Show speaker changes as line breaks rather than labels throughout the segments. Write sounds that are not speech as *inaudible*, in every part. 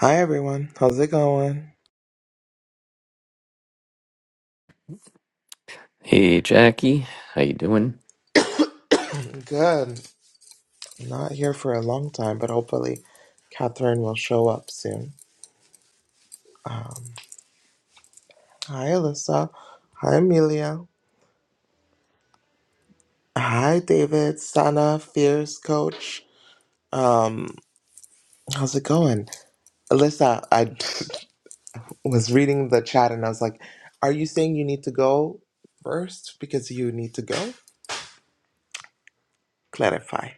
Hi everyone, how's it going?
Hey Jackie, how you doing?
Good. Not here for a long time, but hopefully Catherine will show up soon. Hi Alyssa. Hi Amelia. Hi David, Sana, Fierce Coach. Um, how's it going? Alyssa, I *laughs* was reading the chat and I was like, are you saying you need to go first because you need to go? Clarify.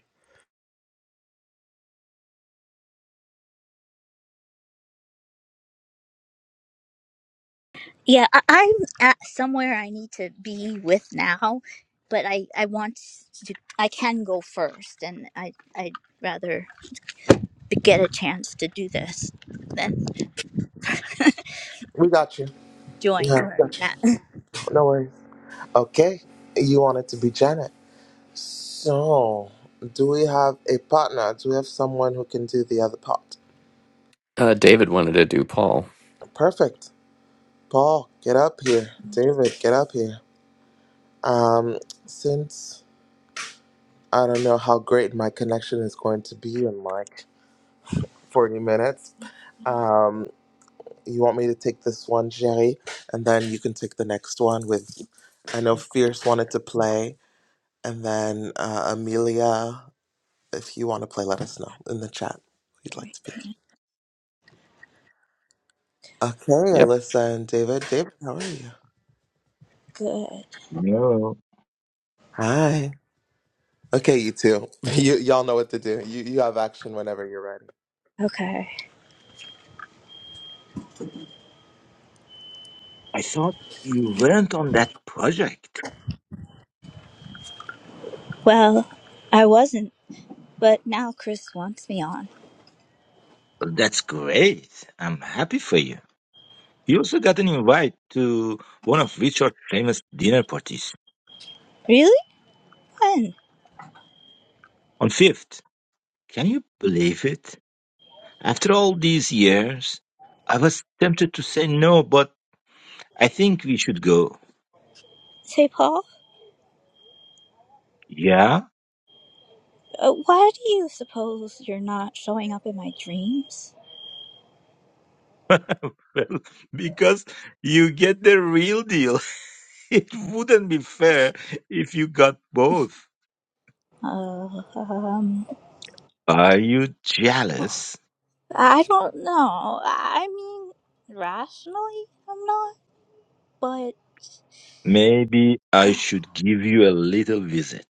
Yeah, I, I'm at somewhere I need to be with now, but I I want to I can go first, and I I'd rather get a chance to do this than *laughs*
We got you.
join
Yeah, we
where
got you.
I'm at.
No worries. Okay. You want it to be Janet. So, do we have a partner? Do we have someone who can do the other part?
Uh, David wanted to do Paul.
Perfect. Paul, get up here. David, get up here. Um, since I don't know how great my connection is going to be in like 40 minutes, um, you want me to take this one, Jerry, and then you can take the next one with, I know Fierce wanted to play, and then uh, Amelia, if you want to play, let us know in the chat. who You'd like to be. Okay,
Yep.
Alyssa and David. David, how are you?
Good.
No,
Hi. Okay, you two. *laughs* You y'all know what to do. You you have action whenever you're ready.
Okay.
I thought you weren't on that project.
Well, I wasn't, but now Chris wants me on.
Well, that's great. I'm happy for you. You also got an invite to one of Richard's famous dinner parties
Really? When?
on 5th. Can you believe it? After all these years, I was tempted to say no, but I think we should go.
Say, Paul.
Yeah?
Uh, why do you suppose you're not showing up in my dreams?
Well, *laughs* because you get the real deal. *laughs* It wouldn't be fair if you got both.
Uh, um.
Are you jealous?
I don't know. I mean, rationally, I'm not, but
Maybe I
uh,
should give you a little visit.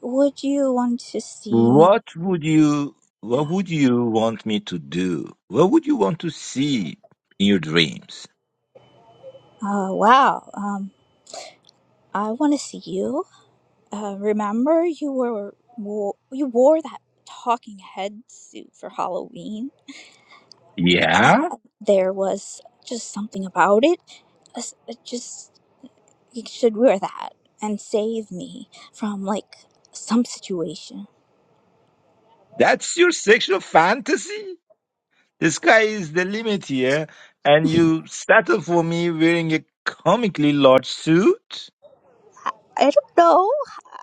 would you want to see me?
What would you what would you want me to do? What would you want to see in your dreams?
Uh, wow. Um, I want to see you. Uh, remember you were wo- you wore that talking head suit for Halloween. Uh,
Yeah?
there was just something about it. Us- uh, Just you should wear that and save me from like some situation.
That's your sexual fantasy? The sky is the limit here, and you settle for me wearing a comically large suit?
I don't know.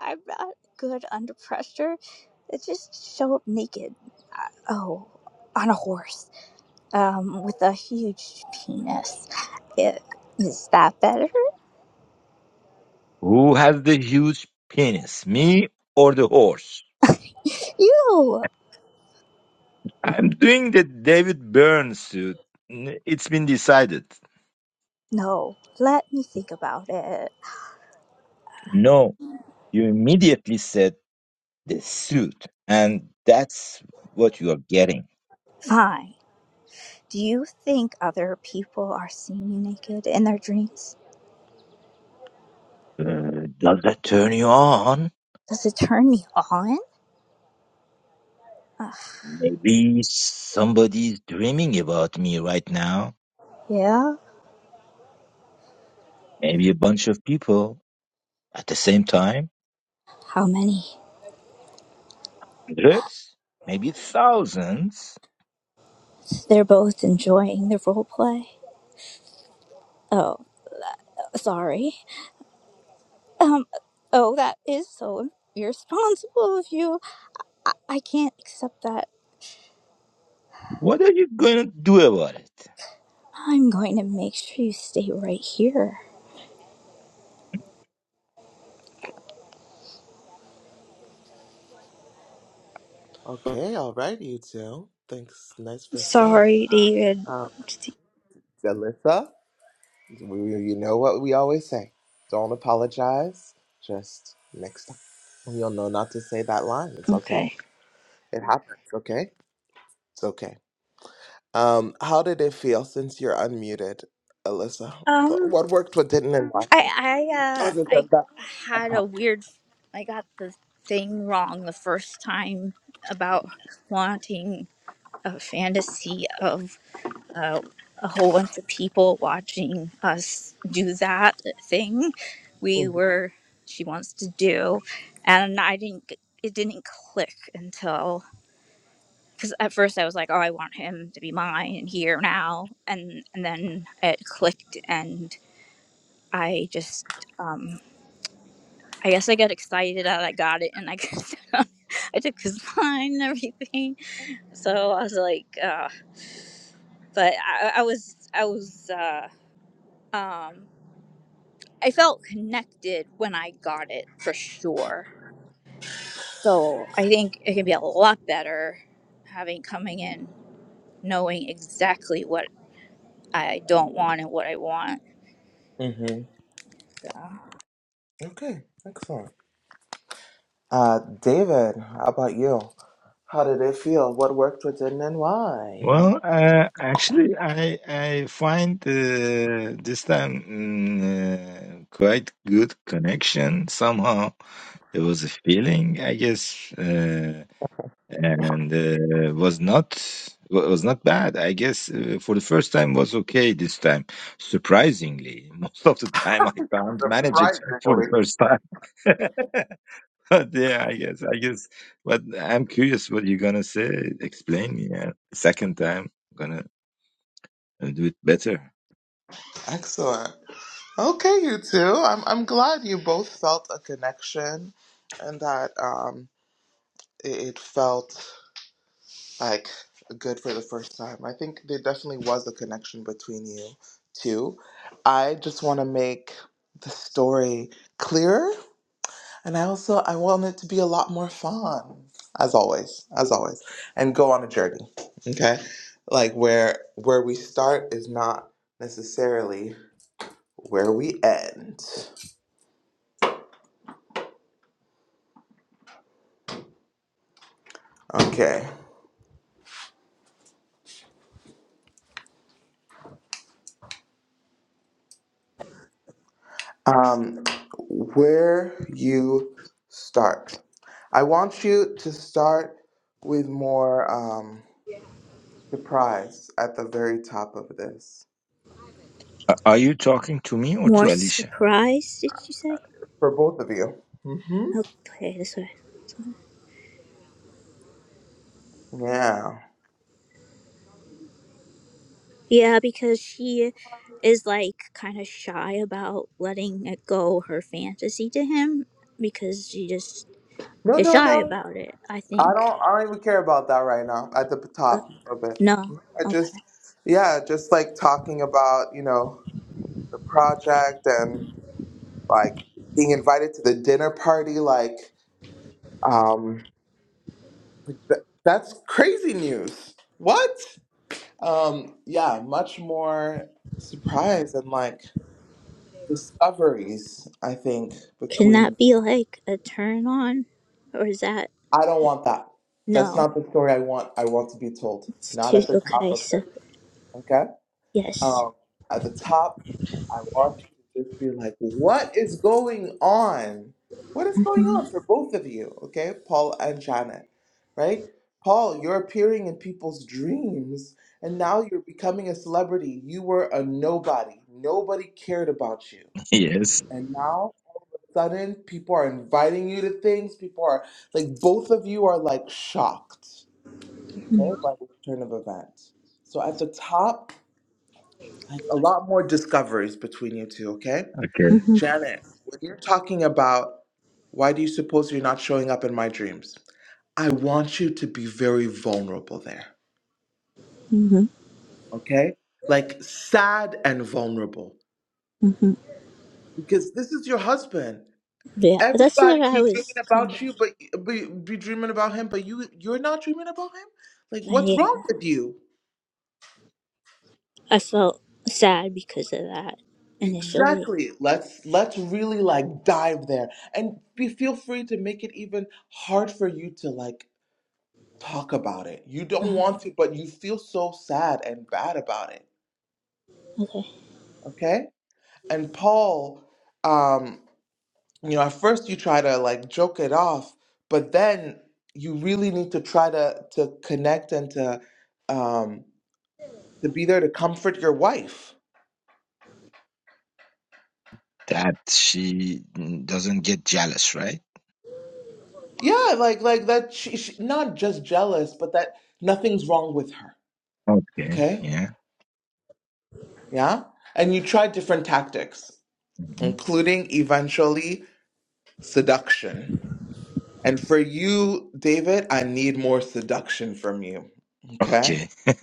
I'm not good under pressure. It's just show up naked. Uh, oh, on a horse um, with a huge penis. It, is that better?
Who has the huge penis, me or the horse?
You!
I'm doing the David Byrne suit. N- It's been decided.
No, let me think about it.
No. You immediately said the suit, and that's what you are getting.
Fine. Do you think other people are seeing you naked in their dreams?
Uh, does that turn you on?
Does it turn me on?
Maybe somebody's dreaming about me right now.
yeah.
Maybe a bunch of people at the same time.
How many?
Hundreds? Maybe thousands.
They're both enjoying the role play. Oh. Sorry. Um, oh, that is so irresponsible of you. I, I can't accept that.
What are you going to do about it?
I'm going to make sure you stay right here.
Okay, all right, you two. Thanks. Nice first go.
Sorry, David.
Um, Alyssa, we, you know what we always say. Don't apologize. Just next time. You'll know not to say that line. It's okay.
Okay.
It happens, okay? It's okay. Um, how did it feel since you're unmuted, Alyssa?
Um,
What worked, what didn't, and why?
I, I, uh,
Other
I
than that, I
had a
promise.
weird, I got the thing wrong the first time about wanting a fantasy of. uh, a whole bunch of people watching us do that thing we were she wants to do and i didn't g- it didn't click until because at first i was like oh i want him to be mine and here now and and then it clicked and i just um i guess i got excited that i got it and i *laughs* got i took his line and everything so i was like uh but i, I was i was uh um I felt connected when I got it for sure. So I think it can be a lot better having coming in knowing exactly what I don't want and what I want.
Mm-hmm. Okay, excellent. Uh, David, how about you? How did it feel? What worked, what didn't, and why?
Well, uh, actually, I I find uh, this time mm, uh, quite good connection. Somehow there was a feeling, I guess, uh, and uh, was not wa- was not bad. I guess uh, for the first time was okay. This time, surprisingly, *laughs* most of the time I can't manage it for the
Surprisingly.
first time. *laughs* but yeah, I guess I guess. But I'm curious what you're gonna say. Explain me uh, second time. gonna. I'll do it better.
Excellent. Okay, you two. I'm I'm glad you both felt a connection, and that um it, it felt like good for the first time. I think there definitely was a connection between you two. I just want to make the story clearer And I also I want it to be a lot more fun, as always, as always, and go on a journey. Okay, like where where we start is not necessarily where we end. Okay, um, where you start. I want you to start with more um, surprise at the very top of this
A- Are you talking to me or
More
to Alicia?
surprised, did you say?
for both of you. Mm-hmm.
Okay, this way.
Yeah.
Yeah, because she is like kind of shy about letting it go her fantasy to him because she just
No,
is
no,
shy
no.
about it, I
I
think.
don't I don't even care about that right now at the
Uh,
top of it.
no.
I
Okay.
just yeah, just like talking about, you know, the project and like being invited to the dinner party like um th- that's crazy news. What? Um yeah, much more surprise and like discoveries I think
Can
between
that be like a turn on? Or is that
I don't want that. That's
No,
not the story I want I want to be told.
it's
Not
too
at the top
okay.
of
So
it. Okay.
yes,
Um, at the top, I want you to just be like, what is going on? What is going
hmm
on for both of you? Okay, Paul and Janet, right? Paul, you're appearing in people's dreams and now you're becoming a celebrity. You were a nobody, nobody cared about you.
*laughs* Yes,
And now, sudden, people are inviting you to things. People are like, both of you are like shocked, okay,
hmm
by the turn of events. So at the top, like a lot more discoveries between you two, okay?
Okay.
Janet, when you're talking about why do you suppose you're not showing up in my dreams? I want you to be very vulnerable there,
hmm
okay? Like sad and vulnerable because this is your husband.
yeah, that's what
Everybody
I
be dreaming
was kind
about
of.
you, but be, be dreaming about him, but you you're not dreaming about him. Like what's
I
wrong with you?
I felt sad because of that initially.
Exactly. Let's let's really like dive there and be feel free to make it even hard for you to like talk about it. You don't
Um,
want to, but you feel so sad and bad about it.
okay,
Okay? And Paul, um, you know, at first you try to like joke it off, but then you really need to try to to connect and to um to be there to comfort your wife.
that she mm, doesn't get jealous, right?
Yeah, like like that she, she not just jealous, but that nothing's wrong with her
Okay.
Okay.
Yeah.
Yeah. And you try different tactics,
Mhm.
including eventually seduction. And for you, David, I need more seduction from you. Okay.
Okay. *laughs*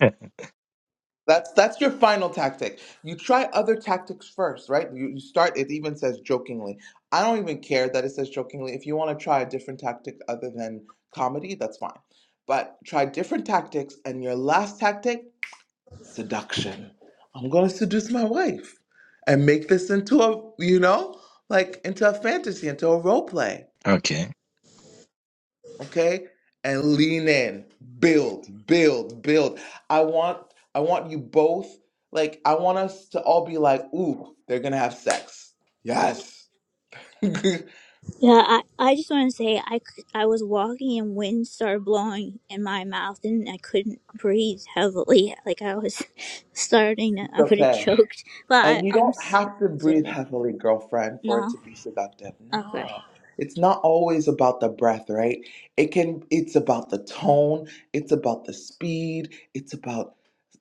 That's that's your final tactic. You try other tactics first, right? You, you start. It even says jokingly. I don't even care that it says jokingly. If you want to try a different tactic other than comedy, that's fine. But try different tactics, and your last tactic seduction. I'm going to seduce my wife and make this into a, you know, like into a fantasy, into a role play.
Okay.
Okay. And lean in, build, build, build. I want, I want you both, like, I want us to all be like, ooh, they're going to have sex. Yes. *laughs* it's
yeah, I, I just want to say I c- I was walking and wind started blowing in my mouth and I couldn't breathe heavily. Like I was *laughs* starting, to, I would have
okay.
choked. But I,
And you
I'm
don't
s-
have to breathe
sitting.
heavily, girlfriend, for it
No,
to be seductive.
okay.
No. It's not always about the breath, right? It can it's about the tone, it's about the speed, it's about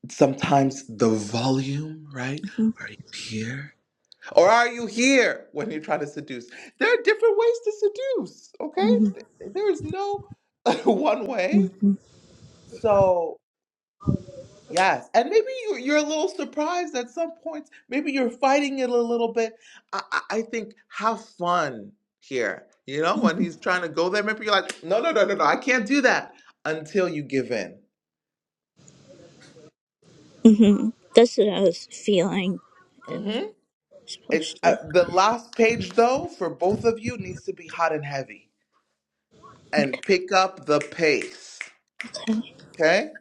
sometimes the volume, right? Are you here? Or are you here when you're trying to seduce? There are different ways to seduce, okay?
hmm
Th- There is no *laughs* one way.
hmm
So Yes, and maybe you, you're a little surprised at some points. Maybe you're fighting it a little bit. I, I I think have fun here. You know, when he's trying to go there, maybe you're like, no, no, no, no, no, I can't do that until you give in.
hmm That's what I was feeling. I was
hmm It's
supposed
uh,
to.
the last page though for both of you needs to be hot and heavy and pick up the pace.
Okay,
Okay,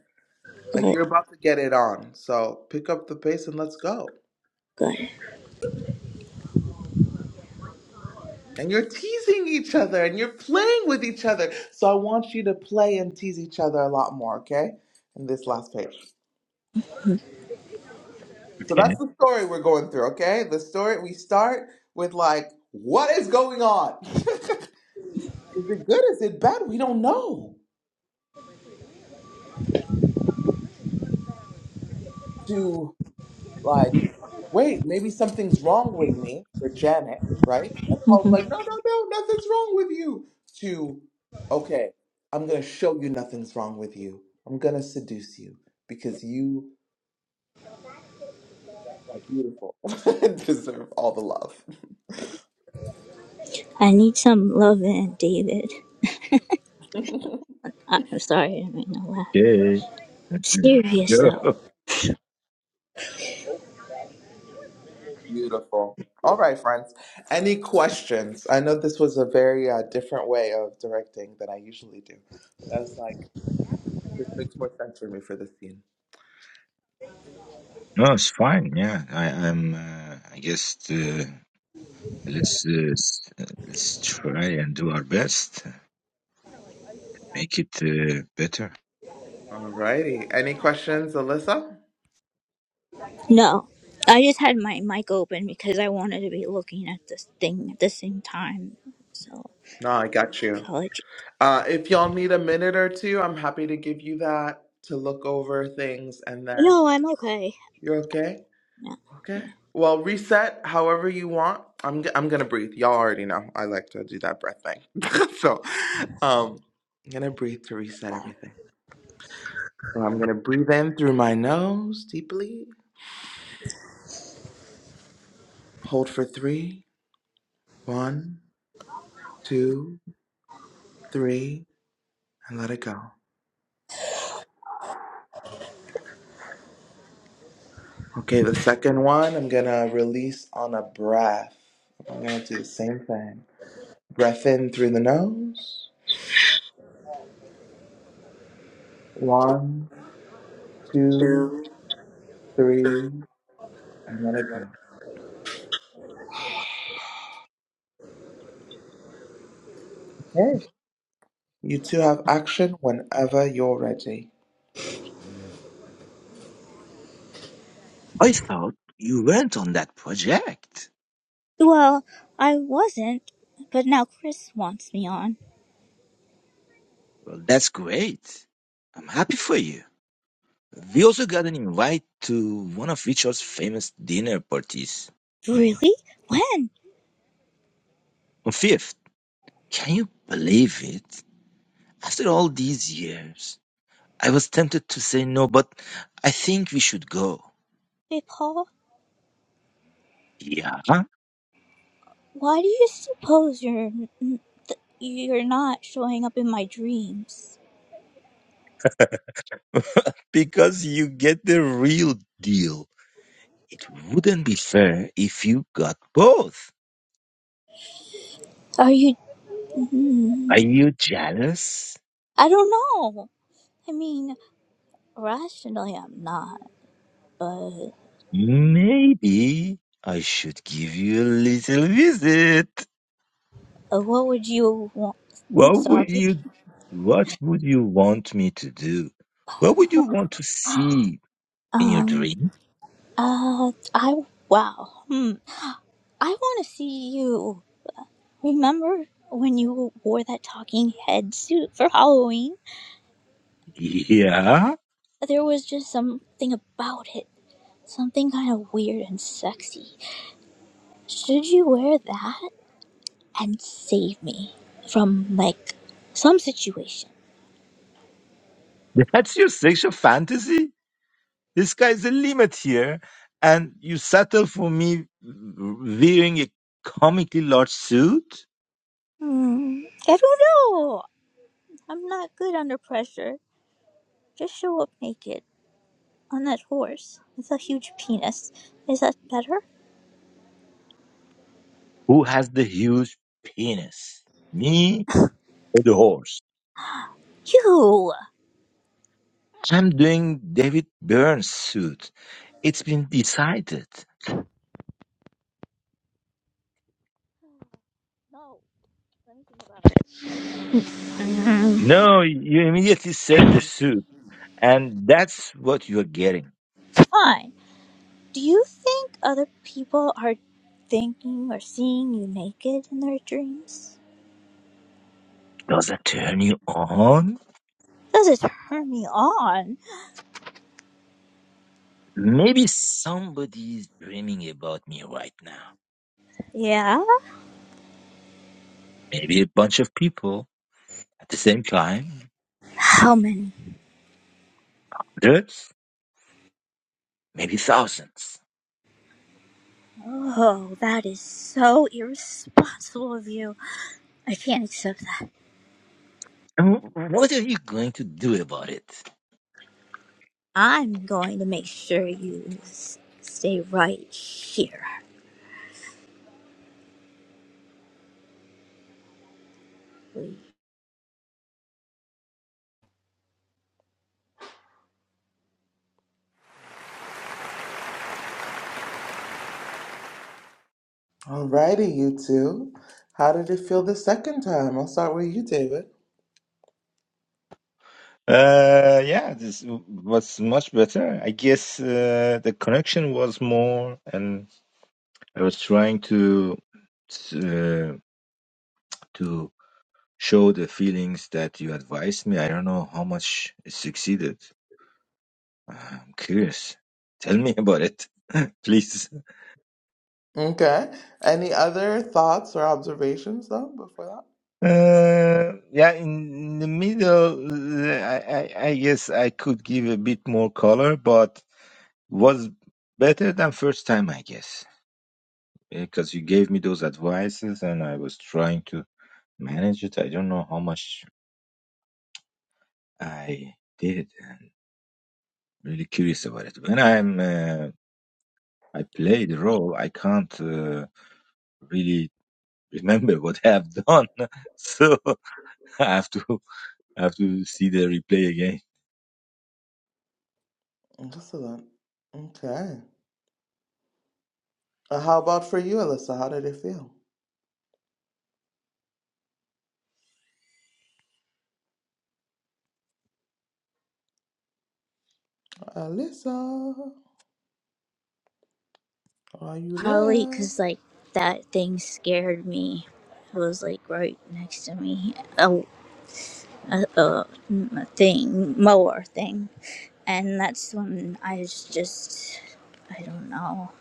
like
good,
you're about to get it on, so pick up the pace and let's go.
good.
And you're teasing each other and you're playing with each other. So I want you to play and tease each other a lot more, okay? In this last page. So
Okay.
that's the story we're going through, okay? The story we start with like, what is going on? *laughs* is it good? Is it bad? We don't know. To like. wait, maybe something's wrong with me for Janet, right? And Paul's
hmm
like, no, no, no, nothing's wrong with you. To, okay, I'm going to show you nothing's wrong with you. I'm going to seduce you because you are beautiful *laughs* and deserve all the love.
I need some love in David.
*laughs*
I- I'm sorry, I didn't mean to laugh.
Okay.
Serious
Go.
though.
*laughs*
beautiful. All right, friends. Any questions? I know this was a very uh, different way of directing than I usually do, but I was like, this makes more sense for me for this scene.
No, it's fine. Yeah, I, I'm. Uh, I guess uh, let's uh, s- uh, let's try and do our best, make it uh, better.
All righty. Any questions, Alyssa?
No, I just had my mic open because I wanted to be looking at this thing at the same time. So
No, I got you.
apology.
Uh, if y'all need a minute or two, I'm happy to give you that to look over things and then
No, I'm okay.
you're okay?
No,
Okay. Well, reset however you want. I'm g- I'm gonna breathe. Y'all already know I like to do that breath thing. *laughs* so, um, I'm gonna breathe to reset everything. So I'm gonna breathe in through my nose deeply. Hold for three, one, two, three, and let it go. Okay, the second one I'm gonna release on a breath. I'm gonna do the same thing. Breath in through the nose. One, two,
yeah.
three, and let it go. *sighs* Okay. You two have action whenever you're ready.
I thought you weren't on that project.
Well, I wasn't, but now Chris wants me on.
Well, that's great. I'm happy for you. We also got an invite to one of Richard's famous dinner parties.
Really? When?
On fifth, can you believe it? After all these years, I was tempted to say no, but I think we should go.
Hey, Paul.
Yeah,
Why do you suppose you're you're not showing up in my dreams?
because you get the real deal. It wouldn't be fair if you got both.
Are you? Hmm,
Are you jealous?
I don't know. I mean, rationally, I'm not. But
Maybe I should give you a little visit.
uh, what would you want? I'm
What would
sorry.
you what would you want me to do? What would you want to see in your
Um.
dream? *laughs*
Uh. I. Wow. Hmm. I want to see you. Remember when you wore that talking head suit for Halloween?
Yeah.
There was just something about it. Something kind of weird and sexy. Should you wear that? and save me from like some situation.
That's your sexual fantasy? The sky's the limit here. And you settle for me wearing a comically large suit?
Hmm. I don't know. I'm not good under pressure. Just show up naked on that horse with a huge penis. Is that better?
Who has the huge penis? Me or the horse?
You.
I'm doing David Byrne's suit. It's been decided.
No. Let me think about it. Mhm.
No, you immediately said the suit. And that's what you're getting.
Fine. Do you think other people are thinking or seeing you naked in their dreams?
Does it turn you on?
Does it turn me on?
Maybe somebody's dreaming about me right now.
Yeah.
Maybe a bunch of people at the same time.
How many?
Hundreds? Maybe thousands.
Oh, that is so irresponsible of you. I can't accept that.
And what are you going to do about it?
I'm going to make sure you s- stay right here.
Alrighty, you two. How did it feel the second time? I'll start with you, David.
Uh, yeah, this w- was much better. I guess uh, the connection was more, and I was trying to uh, to show the feelings that you advised me. I don't know how much it succeeded. I'm curious. Tell me about it, *laughs* please.
Okay. Any other thoughts or observations though before that?
Uh, yeah, in the middle, uh, I, I, I guess I could give a bit more color, but was better than first time, I guess, because you gave me those advices and I was trying to manage it. I don't know how much I did. I'm really curious about it. When I'm, uh, I play the role, I can't. Uh, really remember what I have done. *laughs* So I have to I have to see the replay again.
Excellent. Okay. Uh, how about for you, Alyssa? How did it feel? Alyssa, are you
Probably
there?
because, like, that thing scared me. It was, like, right next to me. Oh, a, a, a thing, mower thing. And that's when I was just. I don't know.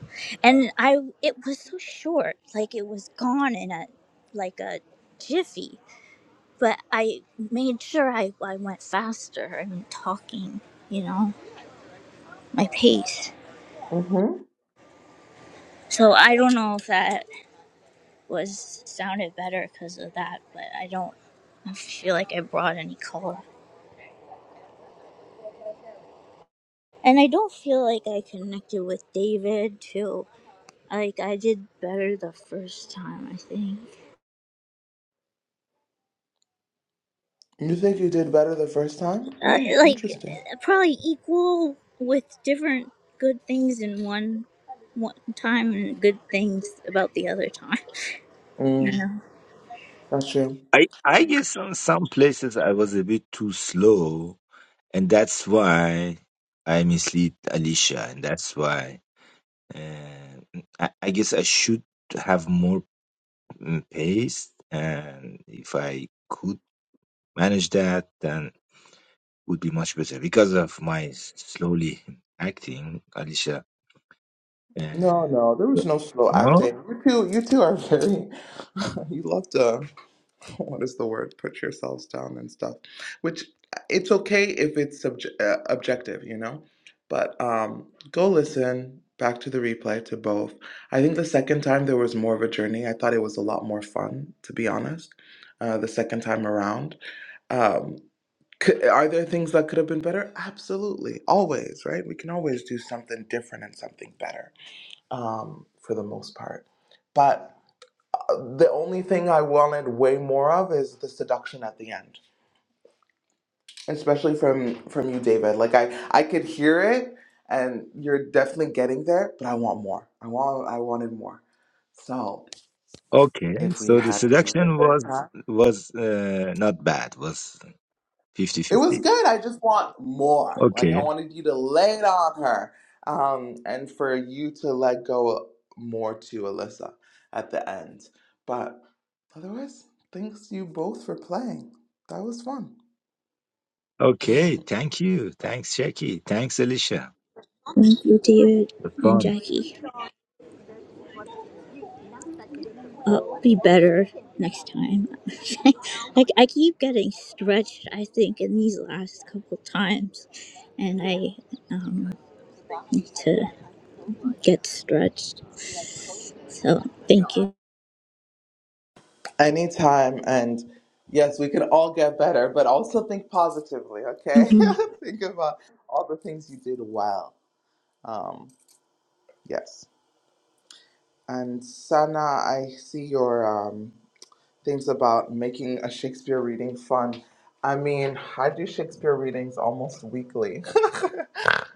And I, it was so short. Like, it was gone in a, like a jiffy. but I made sure I, I went faster and talking, you know, my pace.
Mm-hmm.
So I don't know if that was sounded better because of that, but I don't I feel like I brought any color. And I don't feel like I connected with David too. Like I did better the first time, I think.
You think you did better the first time?
Uh,
Mm,
like
interesting.
uh, probably equal with different good things in one one time and good things about the other time. *laughs* You
Mm,
know.
gotcha.
I I guess on some places I was a bit too slow, and that's why I mislead Alicia, and that's why uh, I, I guess I should have more mm, pace and if i could manage that then would be much better because of my slowly acting alicia
No,
uh,
no, there was no slow
no
acting. You two, you two are very. *laughs* you love to. *laughs* What is the word? Put yourselves down and stuff. Which it's okay if it's subj uh, objective, you know. But um, go listen back to the replay to both. I think the second time there was more of a journey. I thought it was a lot more fun, to be honest. Uh, the second time around. Um, Could, are there things that could have been better? Absolutely. Always, right? We can always do something different and something better um, for the most part. But uh, the only thing I wanted way more of is the seduction at the end, especially from from you, David. Like I, I could hear it, and you're definitely getting there. But I want more. I want. I wanted more. So
okay
if we
so the
had to do it a
seduction
third time.
was was uh, not bad was
It was
fifty-fifty.
good. I just want more. Like I
okay
wanted you to lay it on her, um, and for you to let go more to Alyssa at the end. But otherwise, thanks you both for playing. That was fun.
okay
*laughs*
thank you thanks jackie thanks alicia
Thank you, David
it was
and
fun
Jackie. I'll be better next time. *laughs* like I keep getting stretched, I think, in these last couple times, and I um, need to get stretched. So thank you.
Anytime, and yes, we can all get better, but also think positively. Okay,
*laughs*
*laughs* think about all the things you did well. Um, yes, and Sana, I see your um. things about making a Shakespeare reading fun. I mean, I do Shakespeare readings almost weekly.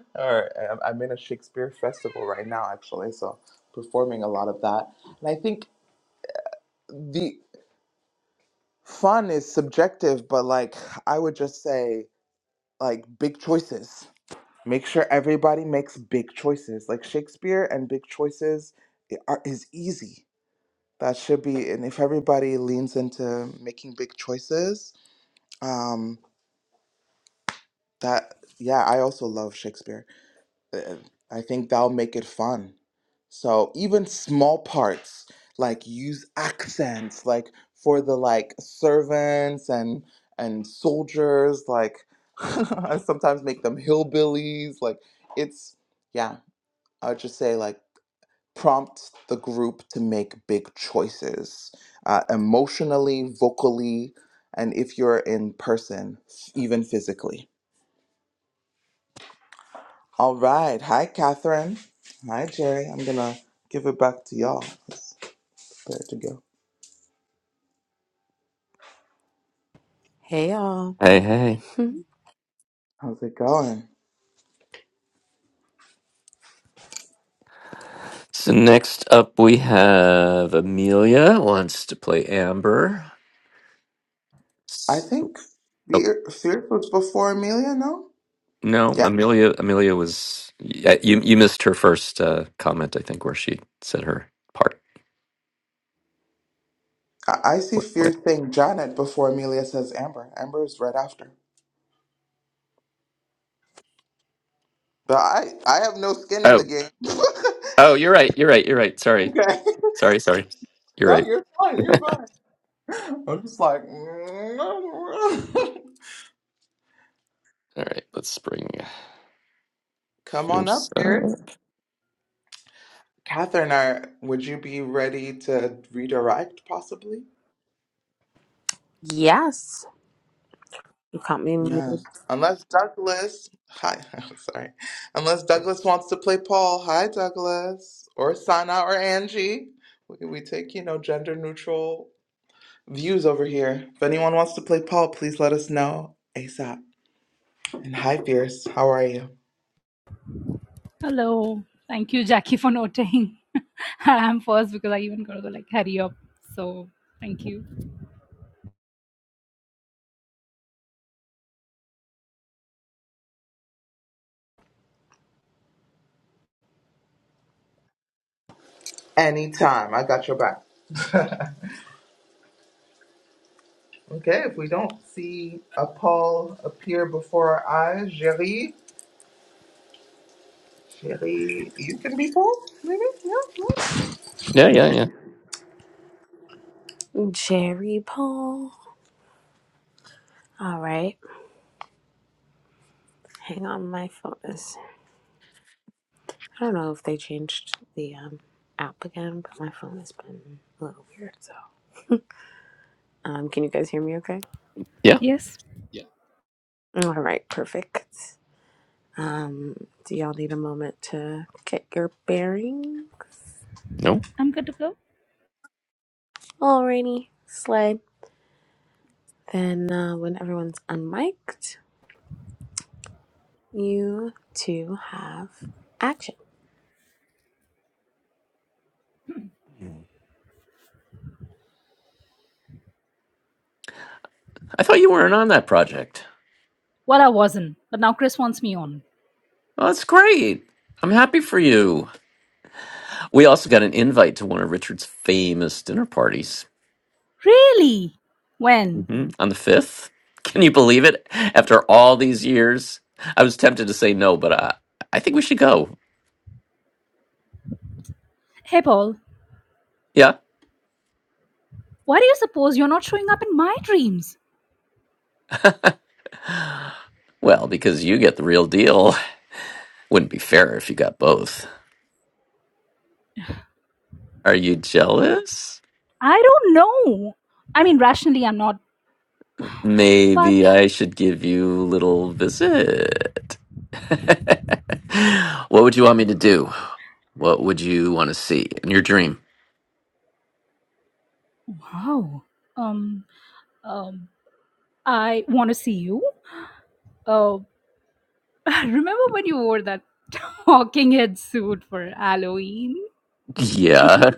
*laughs* or I'm I'm in a Shakespeare festival right now, actually, so performing a lot of that. And I think the fun is subjective, but like I would just say, like big choices. Make sure everybody makes big choices. Like Shakespeare and big choices i- are, is easy. That should be, and if everybody leans into making big choices, um. That, yeah, I also love Shakespeare. Uh, I think that'll make it fun. So even small parts, like use accents, like for the like servants and and soldiers, like *laughs* I sometimes make them hillbillies. Like it's yeah, I would just say like prompt the group to make big choices, uh, emotionally, vocally, and if you're in person, even physically. All right. Hi, Catherine. Hi, Jerry. I'm going to give it back to y'all. It's better to go.
Hey y'all.
Hey, hey.
How's it going?
So next up we have Amelia wants to play Amber.
I
So,
think
oh,
Fear, Fierce was before Amelia, no?
no,
Yeah.
Amelia. Amelia was yeah, you. You missed her first uh, comment, I think, where she said her part.
I, I see
Wait. what?
Fierce saying Janet before Amelia says Amber. Amber is right after. But I, I have no skin in the
Oh,
game. *laughs*
oh, you're right. You're right. You're right. Sorry,
okay.
sorry, sorry. You're
No,
right.
you're fine. You're fine. I'm just like, *laughs*
All right. Let's bring
come on
Fierce.
up,
Uh,
Fierce. Catherine, are, would you be ready to redirect possibly?
Yes. You caught me muted.
Yes. Unless Douglas, hi, *laughs* I'm sorry. Unless Douglas wants to play Paul. Hi, Douglas. Or Sana or Angie. We, we take, you know, gender neutral views over here. If anyone wants to play Paul, please let us know ASAP. And hi, Fierce. How are you?
Hello. Thank you, Jackie, for noting. *laughs* I'm first because I even gotta go like hurry up. So thank you.
Anytime. I got your back. *laughs* okay, if we don't see a Paul appear before our eyes, Jerry, Jerry, you can be Paul, maybe? Yeah, yeah.
yeah, yeah, yeah,
Jerry Paul. All right. Hang on. My phone is. I don't know if they changed the um, app again, but my phone has been a little weird. So, um, can you guys hear me okay?
yeah.
Yes, Yeah.
All right. Perfect. Um, do y'all need a moment to get your bearings?
No,
I'm good to go.
Alrighty. Slide. Then, uh, when everyone's unmiked, you two have action.
I thought you weren't on that project.
Well, I wasn't, but now Chris wants me on.
Well, that's great. I'm happy for you. We also got an invite to one of Richard's famous dinner parties
Really? When?
hmm on the 5th. Can you believe it? After all these years, I was tempted to say no, but I, I think we should go.
Hey, Paul,
Yeah?
why do you suppose you're not showing up in my dreams?
Well, because you get the real deal. Wouldn't be fair if you got both. Are you jealous?
I don't know. I mean, rationally, I'm not, but
Maybe I should give you a little visit. *laughs* what would you want me to do? What would you want to see in your dream?
wow. Um, um, I want to see you. Oh, *laughs* remember when you wore that *laughs* talking head suit for Halloween?
Yeah,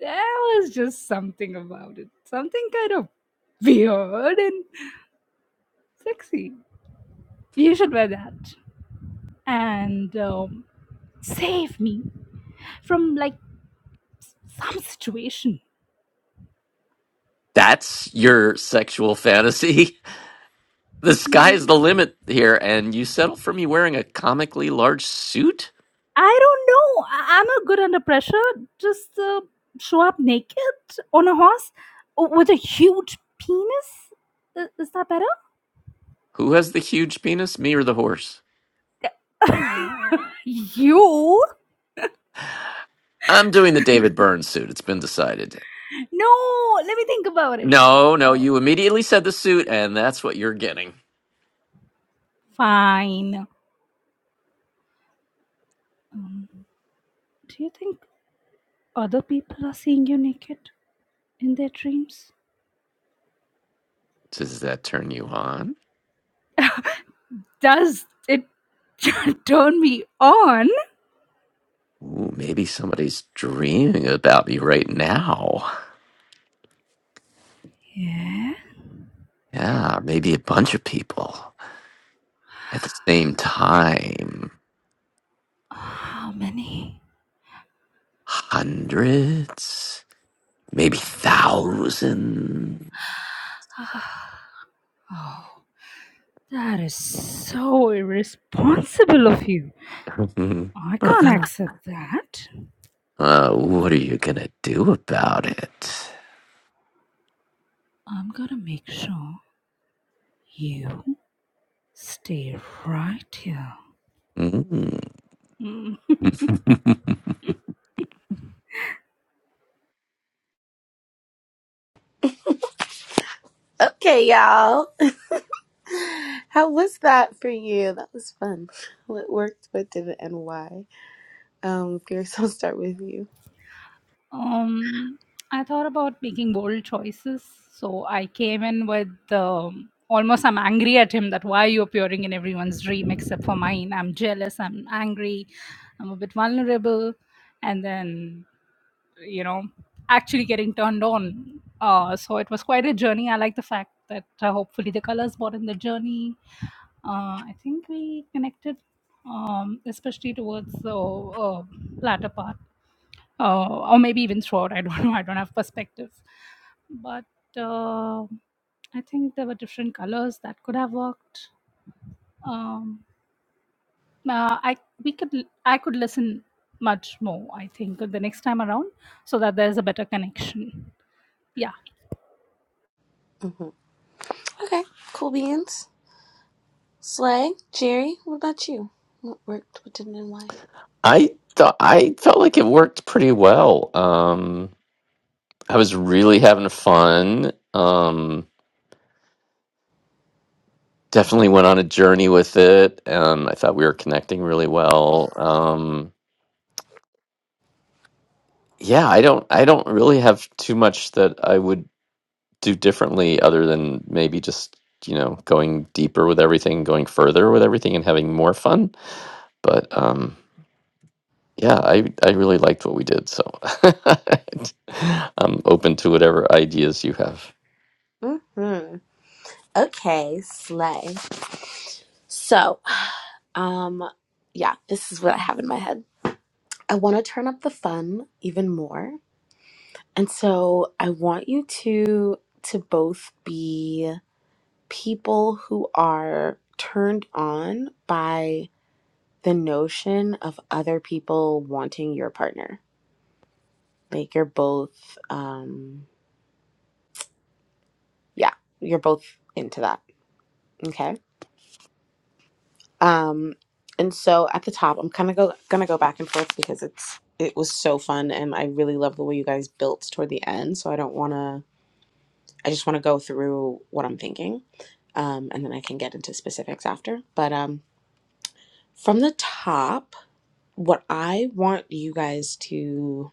there was just something about it. Something kind of weird and sexy. You should wear that and um, save me from like some situation.
that's your sexual fantasy. *laughs* The sky
Mhm.
is the limit here, and you settle for me wearing a comically large suit?
I don't know. I- I'm not good under pressure. Just uh, show up naked on a horse w- with a huge penis. I- Is that
Who has the huge penis, me or the horse?
better? You?
I'm doing the David Byrne suit, it's been decided.
No, let me think about it.
No, no,
Oh,
you immediately said the suit, and that's what you're getting.
fine. Do you think other people are seeing you naked in their dreams?
Does that turn you on?
Does it *laughs* turn me on?
Ooh, maybe somebody's dreaming about me right now.
Yeah.
Yeah, maybe a bunch of people at the same time.
How many?
Hundreds? maybe thousand.
That is so irresponsible of you.
*laughs*
I can't accept that.
uh, what are you gonna do about it?
I'm gonna make sure you stay right here.
Mm.
Mm.
*laughs*
Okay, y'all. How was that for you? That was fun. What worked, what didn't, and why? Um, Pierce, *laughs* I'll start with you.
Um, I thought about making bold choices, so I came in with um, almost I'm angry at him that why are you appearing in everyone's dream except for mine? I'm jealous, I'm angry, I'm a bit vulnerable, and then you know, actually getting turned on. Uh, so it was quite a journey. I like the fact that uh, hopefully the colors brought in the journey. Uh, I think we connected, um, especially towards the uh, latter part uh, or maybe even throughout. I don't *laughs* know. I don't have perspective, but uh, I think there were different colors that could have worked. Um, uh, I we could l- I could listen much more. I think the next time around, so that there's a better connection. Yeah.
hmm Okay, cool beans. Slay, Jerry, what about you? What worked, what didn't, and why?
I thought I felt like it worked pretty well. Um, I was really having fun. Um, definitely went on a journey with it, and I thought we were connecting really well. Um, yeah, I don't, I don't really have too much that I would do differently other than maybe just you know going deeper with everything going further with everything and having more fun but um yeah i i really liked what we did so *laughs* i'm open to whatever ideas you have
hmm Okay, slay. So, um, yeah, this is what I have in my head. I want to turn up the fun even more, and so I want you to to both be people who are turned on by the notion of other people wanting your partner. Like you're both, um, yeah, you're both into that. Okay. Um, and so at the top, I'm kind of go, gonna go back and forth because it's it was so fun and I really love the way you guys built toward the end. So I don't want to. I just want to go through what I'm thinking, um, and then I can get into specifics after. But um, from the top. what I want you guys to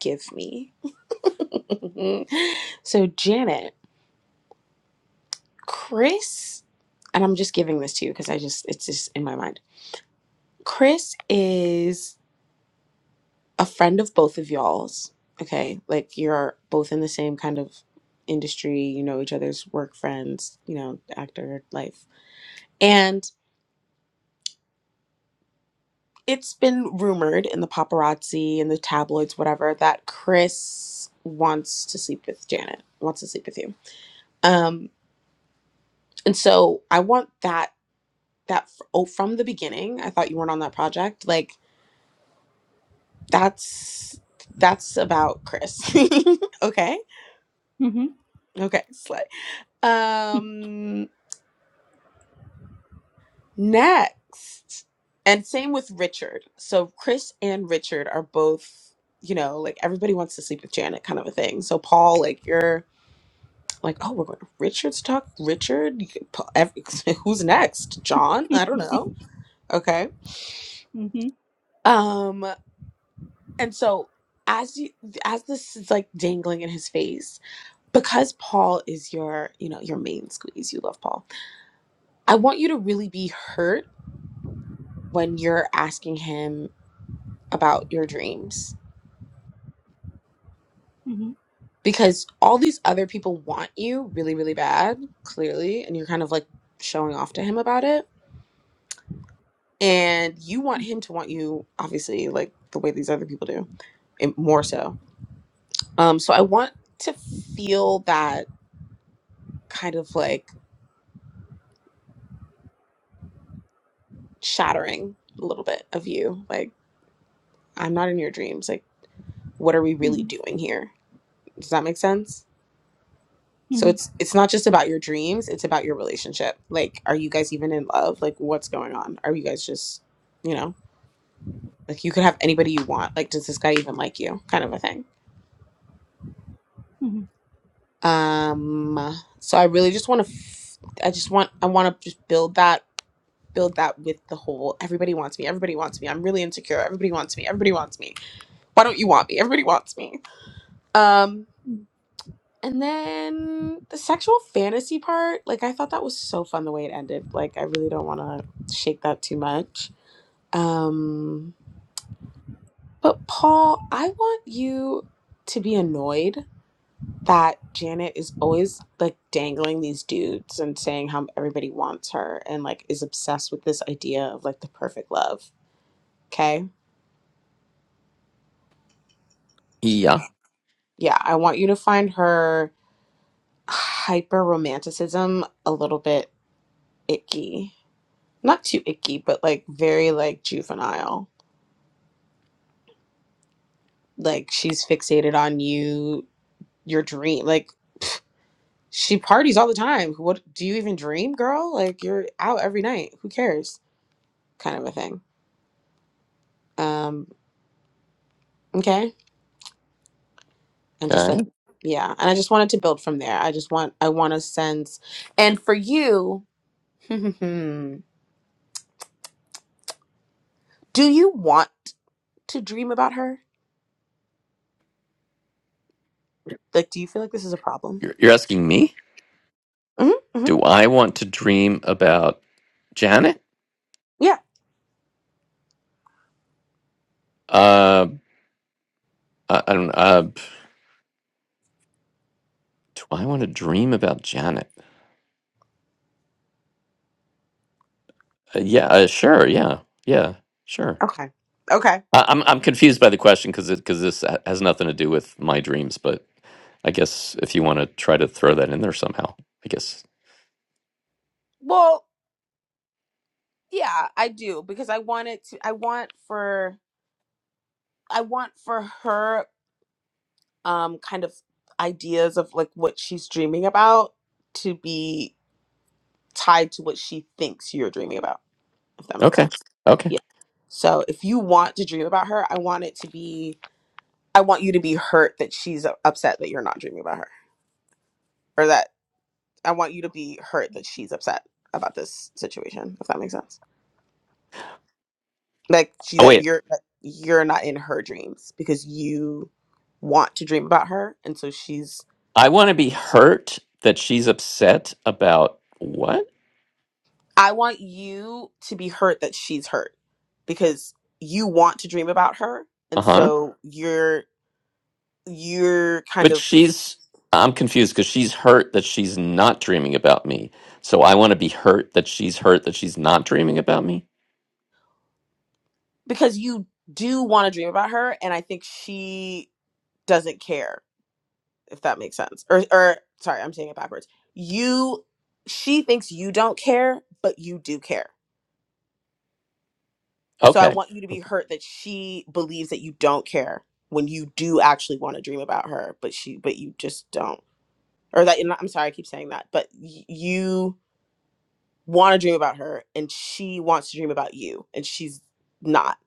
give me. *laughs* so Janet, Chris, and I'm just giving this to you because I just it's just in my mind. Chris is a friend of both of y'all's. Okay, like you're both in the same kind of industry. You know each other's work friends. You know actor life, and it's been rumored in the paparazzi and the tabloids, whatever, that Chris wants to sleep with Janet. Wants to sleep with you um and so i want that that f- oh from the beginning i thought you weren't on that project like that's that's about chris *laughs* okay
Mm-hmm.
okay slay
*laughs*
um next and same with richard so chris and richard are both you know like everybody wants to sleep with janet kind of a thing so paul like you're like oh we're going to richard's talk richard You could- Pa- ev- *laughs* who's next john i don't know okay
Mm-hmm.
um And so as you as this is like dangling in his face, because Paul is your, you know, your main squeeze, you love Paul. I want you to really be hurt when you're asking him about your dreams.
Mm-hmm.
Because all these other people want you really, really bad, clearly, and you're kind of like showing off to him about it. And you want him to want you, obviously, like the way these other people do, and more so. Um, so I want to feel that kind of like shattering a little bit of you. Like, I'm not in your dreams. Like, what are we really
Mm-hmm.
doing here? Does that make sense? So
Mm-hmm.
it's it's not just about your dreams, it's about your relationship. Like, are you guys even in love? Like, what's going on? Are you guys just, you know, like you could have anybody you want. Like, does this guy even like you? Kind of a thing.
Mm-hmm.
Um, so I really just want to f- I just want I want to just build that build that with the whole everybody wants me. Everybody wants me. I'm really insecure. Everybody wants me. Everybody wants me. Why don't you want me? Everybody wants me. Um
Mm-hmm.
And then the sexual fantasy part, like I thought that was so fun the way it ended. Like I really don't want to shake that too much. Um but Paul, I want you to be annoyed that Janet is always like dangling these dudes and saying how everybody wants her and like is obsessed with this idea of like the perfect love. Okay?
yeah
Yeah, I want you to find her hyper romanticism a little bit icky not too icky, but like very like juvenile. Like she's fixated on you, your dream. Like she parties all the time. What do you even dream, girl? Like you're out every night. Who cares? Kind of a thing. Um, okay. And just like
okay
yeah. And I just wanted to build from there. I just want I want a sense and for you, *laughs* do you want to dream about her? Like do you feel like this is a problem?
you're, you're asking me
hmm hmm
do i want to dream about janet
Yeah.
uh i, I don't uh do i want to dream about janet Uh, yeah, uh, sure. Yeah, yeah, sure.
Okay. Okay.
I, I'm I'm confused by the question because because this ha- has nothing to do with my dreams, but I guess if you want to try to throw that in there somehow, I guess.
Well, Yeah, I do because I want it to I want for I want for her um kind of ideas of like what she's dreaming about to be tied to what she thinks you're dreaming about, if that makes
Okay.
sense.
Okay.
Yeah. So if you want to dream about her, I want it to be I want you to be hurt that she's upset that you're not dreaming about her. Or that I want you to be hurt that she's upset about this situation, if that makes sense. like she
Oh
that
wait,
you're that you're not in her dreams because you want to dream about her and so she's
I want to be hurt that she's upset about what?
i want you to be hurt that she's hurt because you want to dream about her
Uh
and
huh.
so you're you're kind
But
of
she's I'm confused because she's hurt that she's not dreaming about me. So I want to be hurt that she's hurt that she's not dreaming about me.
because you do want to dream about her and i think she doesn't care if that makes sense or or sorry i'm saying it backwards you she thinks you don't care but you do care So I
Okay.
want you to be hurt that she believes that you don't care when you do actually want to dream about her, but she but you just don't. Or that I'm sorry, I keep saying that, but y- you want to dream about her and she wants to dream about you and she's not.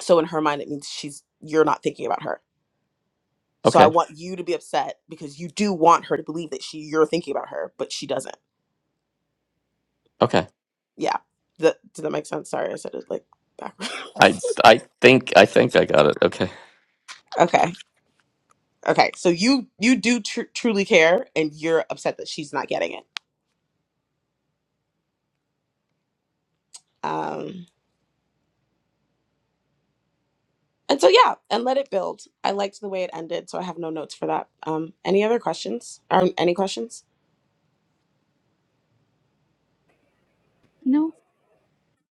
So in her mind it means she's you're not thinking about her. So I
Okay.
want you to be upset because you do want her to believe that she you're thinking about her, but she doesn't.
Okay.
Yeah. That does that make sense? Sorry, I said it like
I
backwards.
I think I think I got it. Okay.
*laughs* okay. Okay, so you you do tr- truly care, and you're upset that she's not getting it. Um, and so yeah, and let it build. I liked the way it ended, so I have no notes for that. Um, any other questions? Or any questions?
No.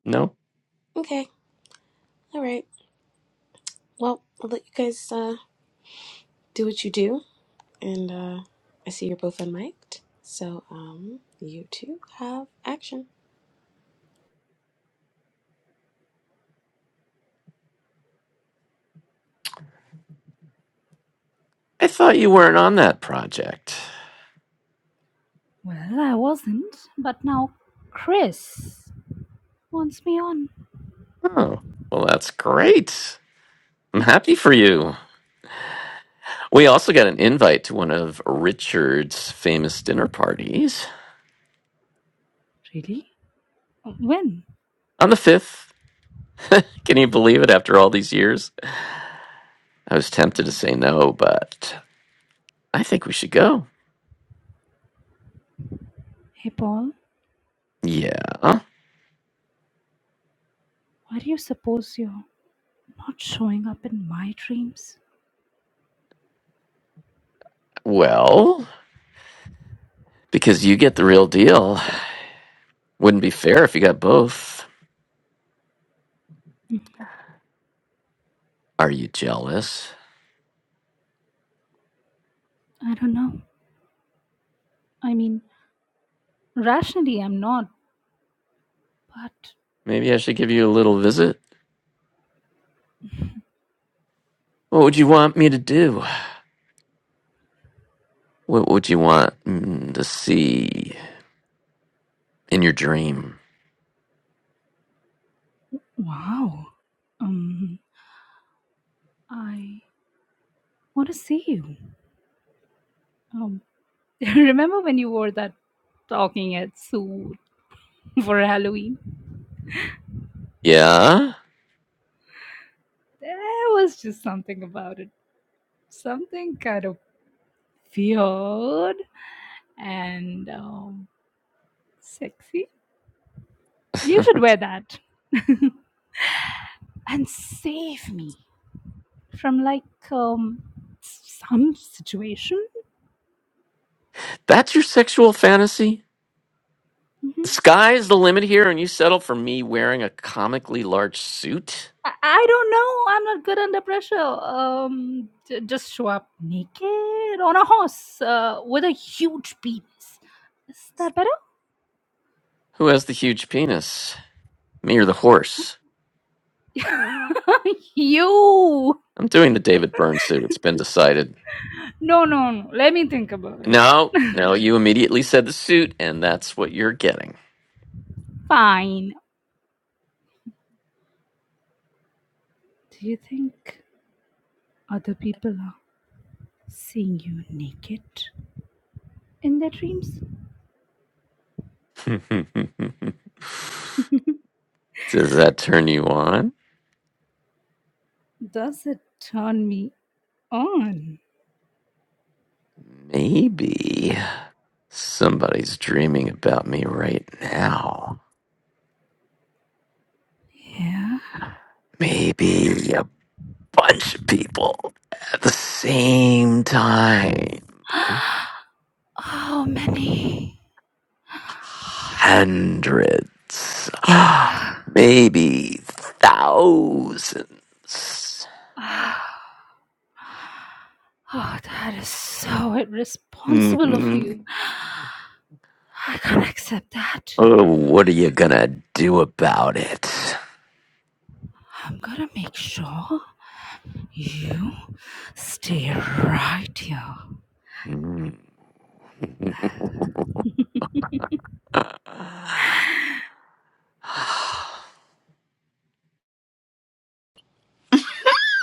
No,
Okay, all right. Well, I'll let you guys uh, do what you do, and uh, I see you're both unmiked, so um, you two have action.
I thought you weren't on that project.
Well, I wasn't, but now Chris wants me on.
Oh, well, that's great. I'm happy for you. We also got an invite to one of Richard's famous dinner parties
Really? When?
on the fifth. Can you believe it? After all these years, I was tempted to say no, but I think we should go.
Hey, Paul.
Yeah.
Why do you suppose you're not showing up in my dreams?
Well, because you get the real deal. Wouldn't be fair if you got both. Are you jealous?
I don't know. I mean, rationally, I'm not, but
Maybe I should give you a little visit. What would you want me to do? What would you want mm, to see in your dream?
wow. Um, I want to see you. Um, *laughs* remember when you wore that talking head suit *laughs* for Halloween?
Yeah?
There was just something about it, something kind of weird and um, sexy.
*laughs*
You should wear that *laughs* and save me. from like um, some situation.
That's your sexual fantasy?
hmm
The sky is the limit here, and you settle for me wearing a comically large suit?
I, I don't know. I'm not good under pressure. Um, j- just show up naked on a horse uh, with a huge penis. Is that better?
Who has the huge penis? Me or the horse?
*laughs* you.
I'm doing the David Byrne suit. It's been decided.
No, no, no. Let me think about it.
No, no, you immediately said the suit, and that's what you're getting.
Fine. Do you think other people are seeing you naked in their dreams?
*laughs* Does that turn you on?
Does it turn me on?
Maybe. Somebody's dreaming about me right now.
Yeah.
Maybe a bunch of people at the same time.
Oh, many.
Hundreds. *gasps* Maybe 1000s
*sighs* Ah, Oh, that is so
hmm
irresponsible of
*laughs*
you. I can't accept that.
Oh, what are you gonna do about it? *sighs*
I'm gonna make sure you stay right here.
Mm. *laughs*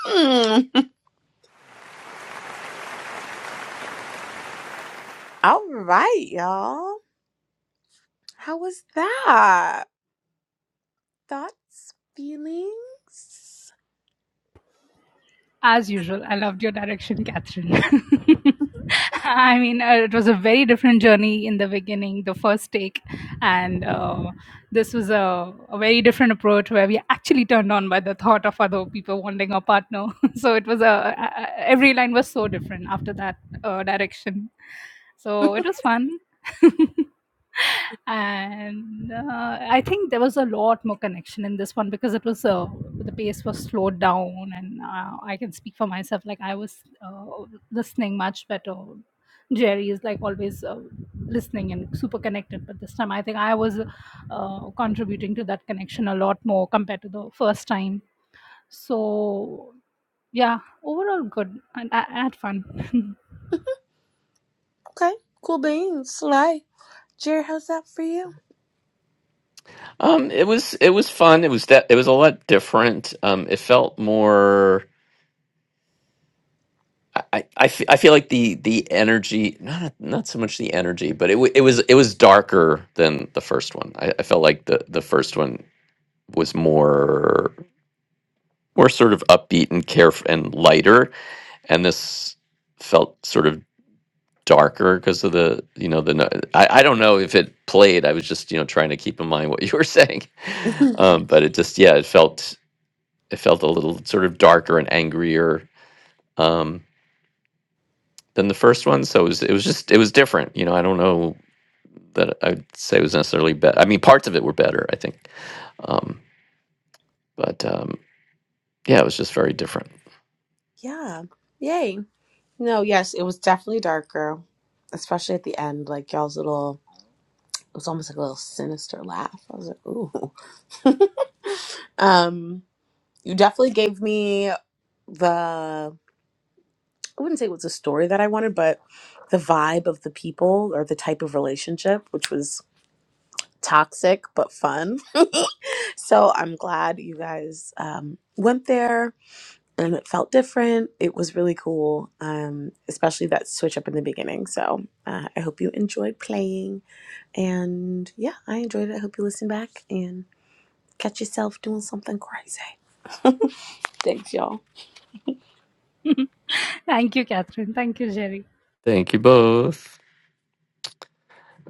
Mm. All right, y'all. How was that? Thoughts, feelings?
As usual, I loved your direction, Catherine. *laughs* I mean, uh, it was a very different journey in the beginning, the first take, and uh, this was a, a very different approach where we actually turned on by the thought of other people wanting a partner. *laughs* so it was a, a every line was so different after that uh, direction. So it was fun. *laughs* and uh, I think there was a lot more connection in this one because it was uh, the pace was slowed down, and uh, I can speak for myself. Like I was uh, listening much better. Jerry is like always uh, listening and super connected, but this time I think I was uh, contributing to that connection a lot more compared to the first time. So yeah, overall good, and I, I had fun.
Okay, cool beans. Slay. Jared, how's that for you?
Um, it was it was fun. It was that it was a lot different. Um, it felt more. I I, I fe- I feel like the the energy not not so much the energy, but it w- it was it was darker than the first one. I, I felt like the the first one was more more sort of upbeat and care and lighter, and this felt sort of darker because of the you know the no- I, I don't know if it played i was just you know trying to keep in mind what you were saying *laughs*
*laughs*
um but it just yeah it felt it felt a little sort of darker and angrier um, than the first one. So it was it was just it was different. You know, I don't know that I'd say it was necessarily better. I mean, parts of it were better, I think, um, but um, yeah, it was just very different.
Yeah. Yay. No, yes, it was definitely darker, especially at the end. Like y'all's little, it was almost like a little sinister laugh. I was like, ooh. *laughs* Um, you definitely gave me the, I wouldn't say it was a story that I wanted, but the vibe of the people or the type of relationship, which was toxic but fun. *laughs* So I'm glad you guys um, went there and it felt different. It was really cool, um, especially that switch up in the beginning. So uh, I hope you enjoyed playing. And yeah, I enjoyed it. I hope you listen back and catch yourself doing something crazy. Thanks, y'all.
*laughs* Thank you, Catherine. Thank you, Jerry.
Thank you both.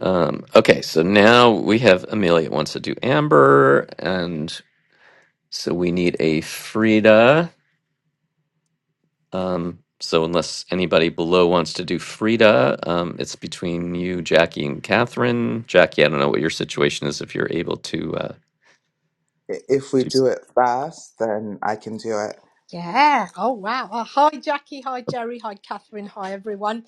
Um, okay, so now we have Amelia wants to do Amber, and so we need a Frida. Um, so unless anybody below wants to do Frida, um, it's between you, Jackie, and Catherine. Jackie, I don't know what your situation is. If you're able to, uh,
I- If we
Yes.
do it fast, then I can do it.
Yeah. Oh, wow. Uh, hi, Jackie. Hi, Jerry. Hi, Catherine. Hi, everyone.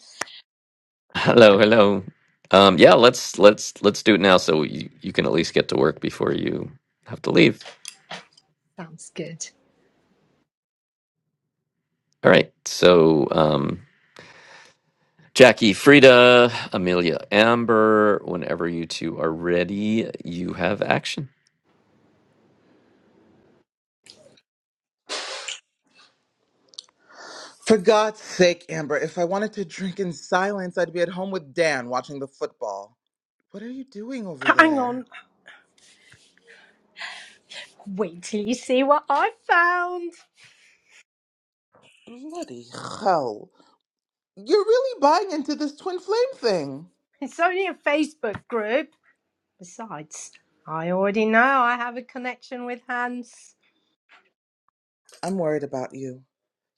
*laughs* hello, hello. Um, yeah, let's let's let's do it now, so you, you can at least get to work before you have to leave.
Sounds good.
All right, so. Um, Jackie, Frida, Amelia, Amber, whenever you two are ready, you have action.
For God's sake, Amber, if I wanted to drink in silence, I'd be at home with Dan watching the football. What are you doing over
Hang on.
there?
Wait till you see what I found.
Bloody hell. You're really buying into this twin flame thing.
It's only a Facebook group. Besides, I already know I have a connection with Hans.
I'm worried about you.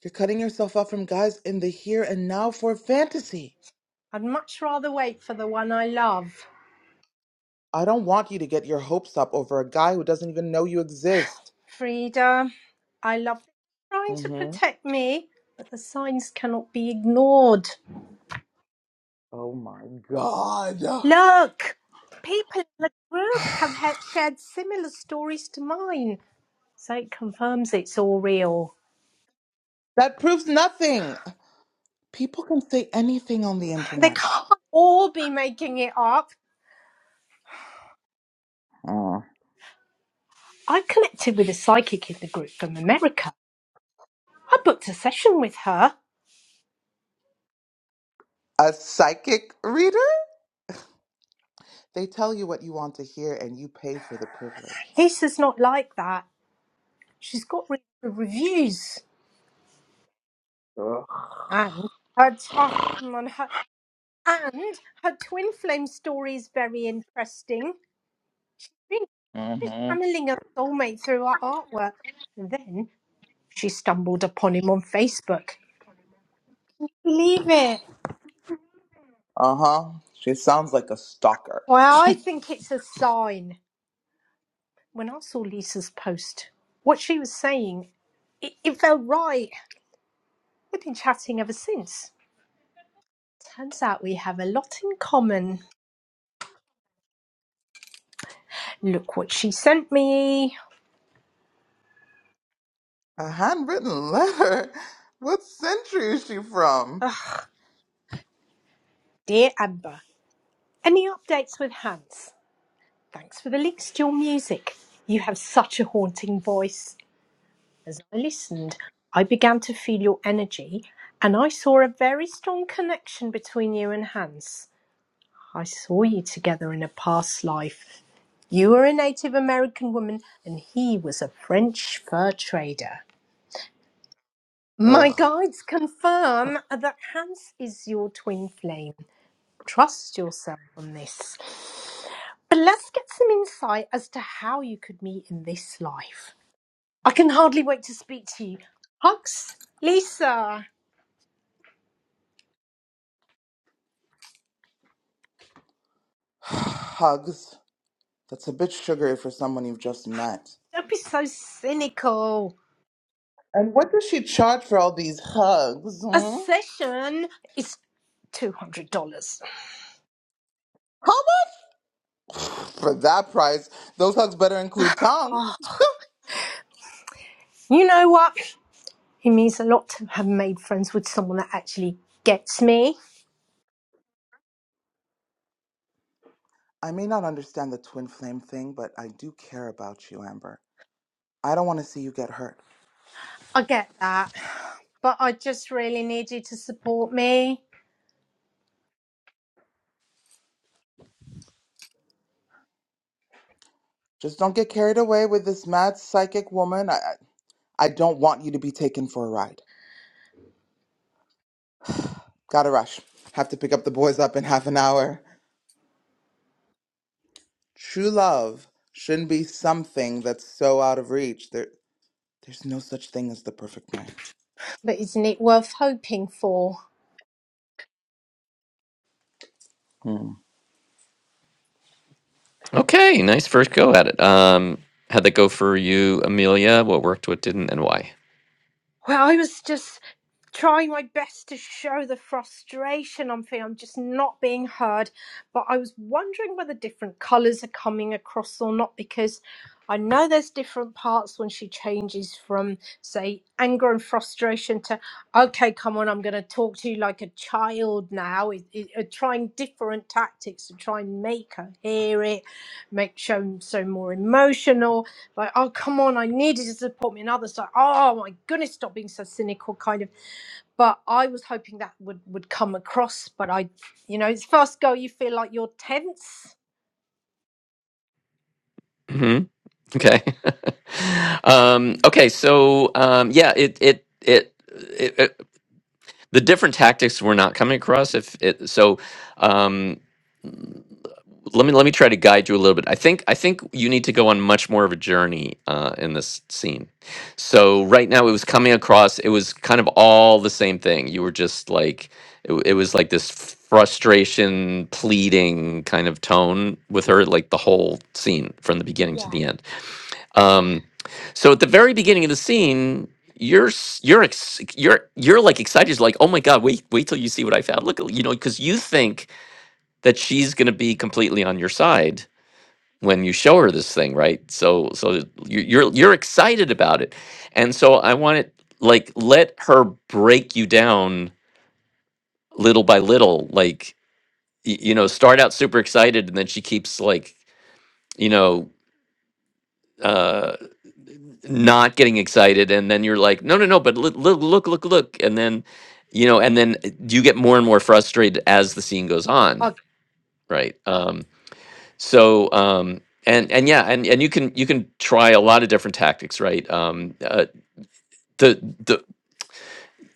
You're cutting yourself off from guys in the here and now for fantasy.
I'd much rather wait for the one I love.
I don't want you to get your hopes up over a guy who doesn't even know you exist.
Frida, I love trying
Mm
to
hmm.
protect me, but the signs cannot be ignored.
Oh my god.
Look! People in the group have
*sighs*
had shared similar stories to mine. So it confirms it's all real.
that proves nothing. People can say anything on the
They
internet.
can't all be making it up.
Mm.
I connected with a psychic in the group from America. I booked a session with her.
A psychic reader? They tell you what you want to hear and you pay for the privilege.
Lisa's not like that. She's got really good reviews.
Ugh.
And her, t- oh, come on, her, and her twin flame story is very interesting. Really, She's
Mhm.
channeling her soulmate through her artwork. And then she stumbled upon him on Facebook. Believe it.
Uh huh. She sounds like a stalker.
Well, I think it's a sign. when I saw Lisa's post, what she was saying, it, it felt right. We've been chatting ever since. Turns out we have a lot in common. Look what she sent me.
A handwritten *laughs* letter? What century is she from?
Ugh, dear Amber. Any updates with Hans? Thanks for the links to your music. You have such a haunting voice. As I listened, I began to feel your energy and I saw a very strong connection between you and Hans. I saw you together in a past life You were a Native American woman, and he was a French fur trader. My
Ugh.
guides confirm that Hans is your twin flame. Trust yourself on this. But let's get some insight as to how you could meet in this life. I can hardly wait to speak to you. Hugs, Lisa.
*sighs* Hugs. That's a bit sugary for someone you've just met.
Don't be so cynical.
And what does she charge for all these hugs?
A
Hmm?
session is $200.
How much for that price? Those hugs better include tongue.
Oh, you know what? It means a lot to have made friends with someone that actually gets me.
I may not understand the twin flame thing, but I do care about you, Amber. I don't want to see you get hurt.
I get that. But I just really need you to support me.
Just don't get carried away with this mad psychic woman. I, I I don't want you to be taken for a ride. Gotta rush. Have to pick up the boys up in half an hour. True love shouldn't be something that's so out of reach. There, there's no such thing as the perfect man.
But isn't it worth hoping for?
Hmm.
Okay, nice first go at it. Um, how'd that go for you, Amelia? What worked, what didn't, and why?
Well, I was just trying my best to show the frustration I'm feeling. I'm just not being heard. But I was wondering whether different colours are coming across or not because I know there's different parts when she changes from, say, anger and frustration to, okay, come on, I'm going to talk to you like a child now. It, it, uh, trying different tactics to try and make her hear it, make show so more emotional like, oh, come on, I needed you to support me. And others like, oh my goodness, stop being so cynical, kind of. But I was hoping that would would come across. But I, you know, it's first go, you feel like you're tense.
hmm Okay. *laughs* um, okay, so um, yeah, it it, it it it the different tactics were not coming across. If it so, um, let me let me try to guide you a little bit. I think I think you need to go on much more of a journey uh, in this scene. So right now it was coming across. It was kind of all the same thing. You were just like it, w- it was like this frustration, pleading kind of tone with her, like the whole scene from the beginning to
Yeah.
the end. Um, so at the very beginning of the scene. You're s- you're ex- you're you're like excited, You're like oh my god! Wait wait till you see what I found. Look, you know, because you think that she's going to be completely on your side, when you show her this thing, right? So so you- you're you're excited about it, and so I want it like let her break you down little by little, like y- you know, start out super excited, and then she keeps like you know uh not getting excited and then you're like no no no but look look look look look and then you know and then uh, you get more and more frustrated as the scene goes on
Okay.
right Um, So um, and and yeah, and and you can you can try a lot of different tactics, right? Um, uh, the the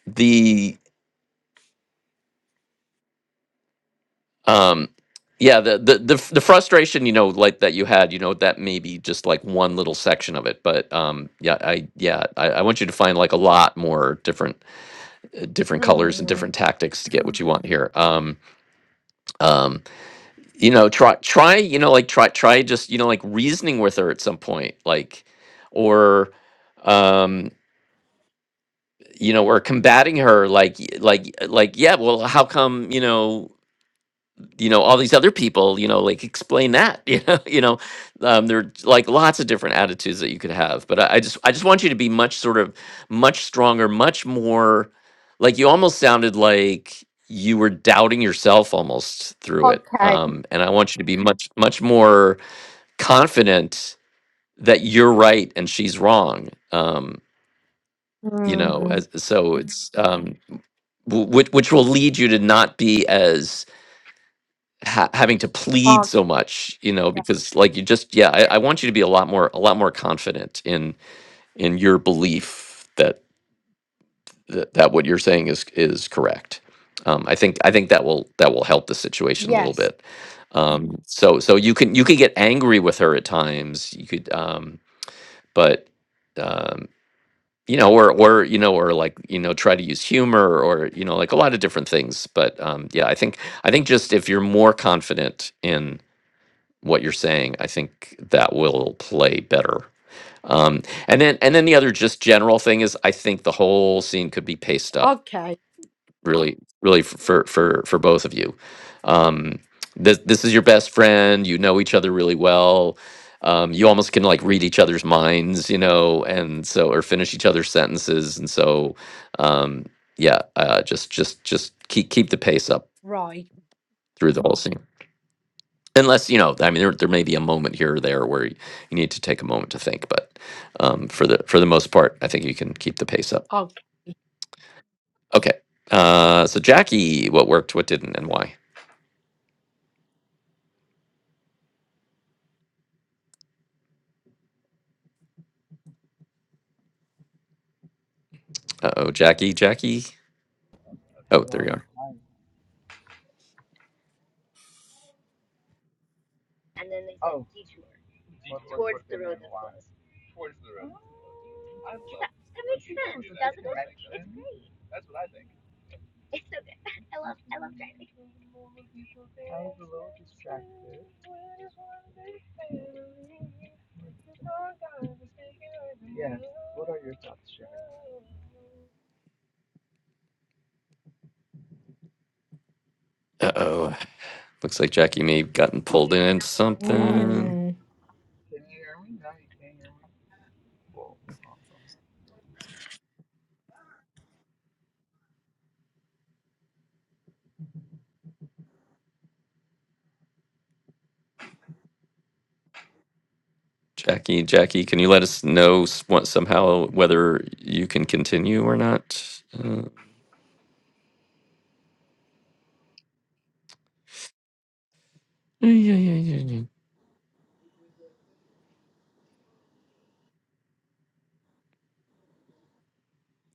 the um, yeah, the, the the f- the frustration, you know, like that you had, you know, that may be just like one little section of it, but um, yeah, I yeah, I, I want you to find like a lot more different uh, different colors and
Mm,
different tactics to get what you want here. Um, um, you know, try try you know like try try just you know like reasoning with her at some point, like or. Um, you know, or combating her like y- like like yeah, well, how come, you know, you know all these other people, you know, like explain that, *laughs* you know, you know, um, there are like lots of different attitudes that you could have, but I, I just I just want you to be much sort of much stronger, much more like you almost sounded like you were doubting yourself almost through it,
okay.
um, and I want you to be much much more confident that you're right and she's wrong, um, you know,
Mm,
as so it's um, w- which which will lead you to not be as ha- having to plead
okay.
so much you know
yeah,
because like you just yeah I, I want you to be a lot more a lot more confident in in your belief that that, that what you're saying is is correct um, I think I think that will that will help the situation a little
Yes.
bit. Um, so so you can you can get angry with her at times. You could, um, but Um, you know or or you know or like you know try to use humor or you know like a lot of different things but um yeah i think i think just if you're more confident in what you're saying i think that will play better um and then and then the other just general thing is i think the whole scene could be paced up
Okay.
really really for for for both of you um this this is your best friend you know each other really well um you almost can like read each other's minds you know and so or finish each other's sentences and so um yeah uh just just just keep keep the pace up
Right.
through the whole scene unless you know i mean there, there may be a moment here or there where you need to take a moment to think but um for the for the most part i think you can keep the pace up
Okay.
okay uh so jackie what worked what didn't and why Uh oh, Jackie, Jackie. Oh, there you are. Uh oh. Looks like Jackie may have gotten pulled into something.
Mm.
Jackie, Jackie, can you let us know s- what, somehow whether you can continue or not? Uh, yeah, yeah, yeah, yeah.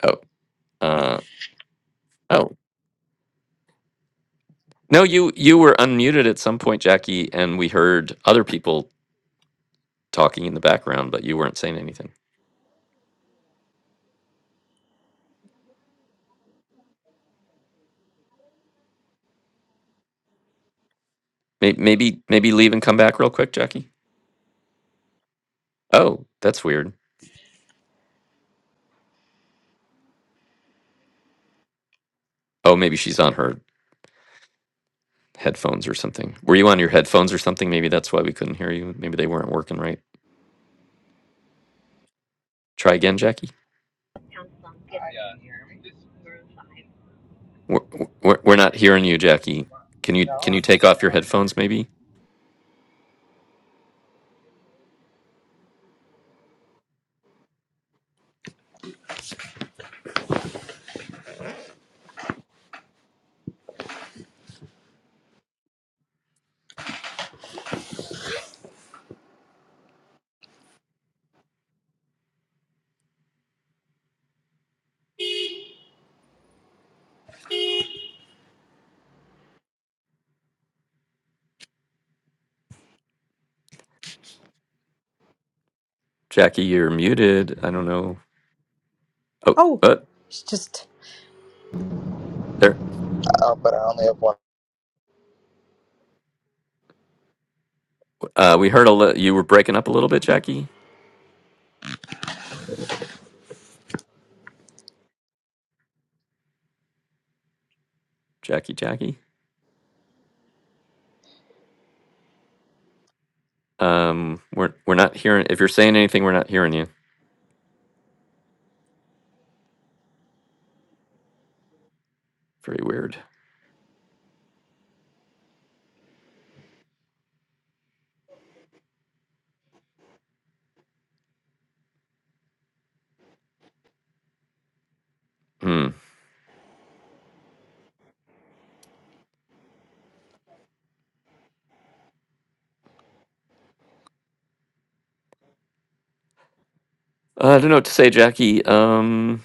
Oh, uh, oh. No, you you were unmuted at some point, Jackie, and we heard other people talking in the background, but you weren't saying anything. May- Maybe maybe leave and come back real quick, Jackie. Oh, that's weird. Oh, maybe she's on her headphones or something. Were you on your headphones or something? Maybe that's why we couldn't hear you. Maybe they weren't working right. Try again, Jackie. We're, we're, we're not hearing you, Jackie. Can you can you take off your headphones? Maybe. Jackie, you're muted. I don't know. Oh,
Oh,
but
it's just
there.
Hello?
Uh, we heard a li- you were breaking up a little bit, Jackie. Jackie, Jackie. Um, we're we're not hearing. If you're saying anything, we're not hearing you. Very weird. Hmm. Uh, I don't know what to say, Jackie. Um,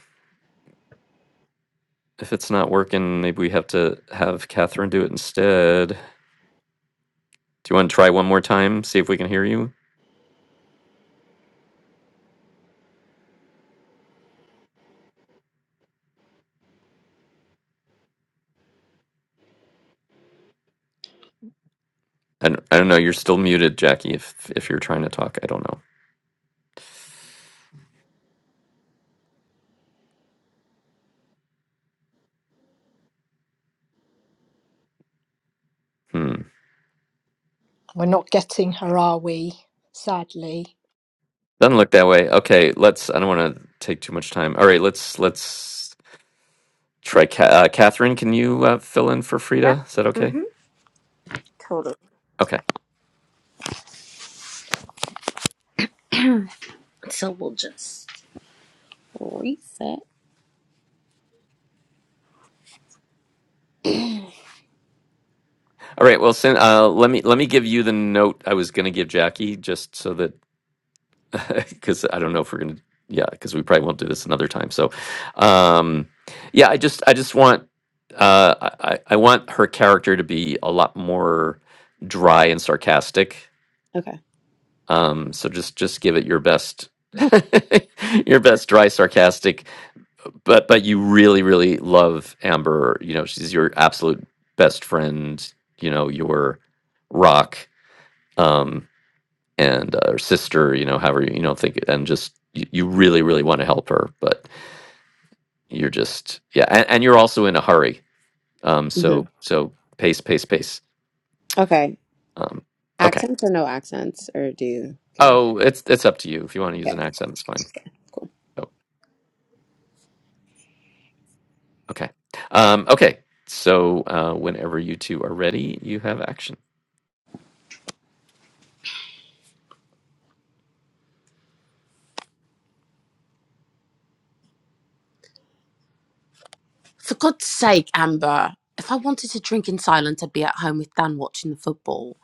if it's not working, maybe we have to have Catherine do it instead. Do you want to try one more time? See if we can hear you. I don't, I don't know. You're still muted, Jackie. If if you're trying to talk, I don't know. Hmm.
we're not getting her, are we? Sadly.
Doesn't look that way. Okay, let's. I don't want to take too much time. All right, let's let's try. Ca- uh, Catherine, can you uh, fill in for
Yeah.
Frida? Is that okay?
Mm-hmm. Totally.
Okay.
So we'll just reset.
All right. Well, send, uh, let me let me give you the note I was going to give Jackie, just so that *laughs* because I don't know if we're going to. Yeah, because we probably won't do this another time. So, um, yeah, I just I just want uh, I I I want her character to be a lot more dry and sarcastic
Okay.
Um, so just just give it your best, *laughs* your best dry sarcastic. But but you really really love Amber. You know she's your absolute best friend. You know your rock um, and uh, her sister. You know however you you know think and just you, you really really want to help her, but you're just yeah, and, and you're also in a hurry. Um,
Mm-hmm.
so so pace pace pace.
Okay.
Um, okay.
Accents or no accents, or do you care?
Oh, it's it's up to you. If you want to use an
Okay.
accent, it's fine.
Okay. Cool.
Oh. Okay. Um, okay. So uh, whenever you two are ready, you have action.
For God's sake, Amber, if I wanted to drink in silence, I'd be at home with Dan watching the football.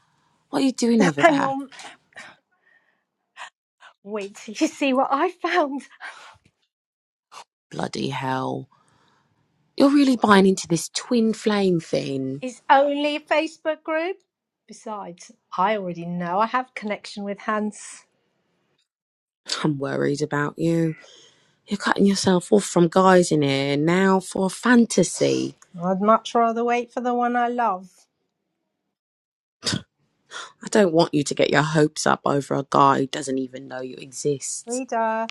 What are you doing over
Hang
there?
on, wait *laughs* till you see what I found.
Bloody hell. You're really buying into this twin flame thing.
It's only a Facebook group. Besides, I already know I have connection with Hans.
I'm worried about you. You're cutting yourself off from guys in here now for a fantasy.
I'd much rather wait for the one I love.
I don't want you to get your hopes up over a guy who doesn't even know you exist.
Reader,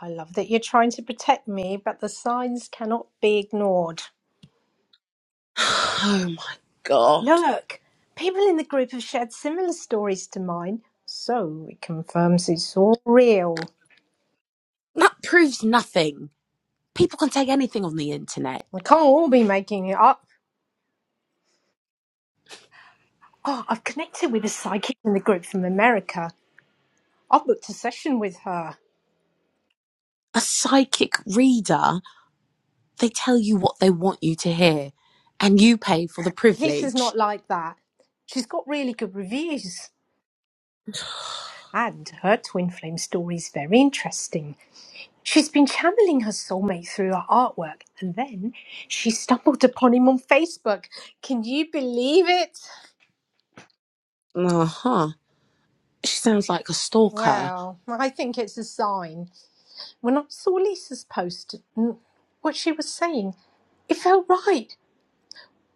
I love that you're trying to protect me, but the signs cannot be ignored.
*sighs* Oh my god.
Look, people in the group have shared similar stories to mine, so it confirms it's all real.
That proves nothing. People can take anything on the internet.
I can't all be making it up. Oh, I've connected with a psychic in the group from America. I've booked a session with her.
A psychic reader, they tell you what they want you to hear, and you pay for the
Lisa's
privilege.
not like that. She's got really good reviews. And her twin flame story is very interesting. She's been channeling her soulmate through her artwork, and then she stumbled upon him on Facebook. Can you believe it?
Uh huh. She sounds like a stalker.
Well, I think it's a sign. When I saw Lisa's post, and what she was saying, it felt right.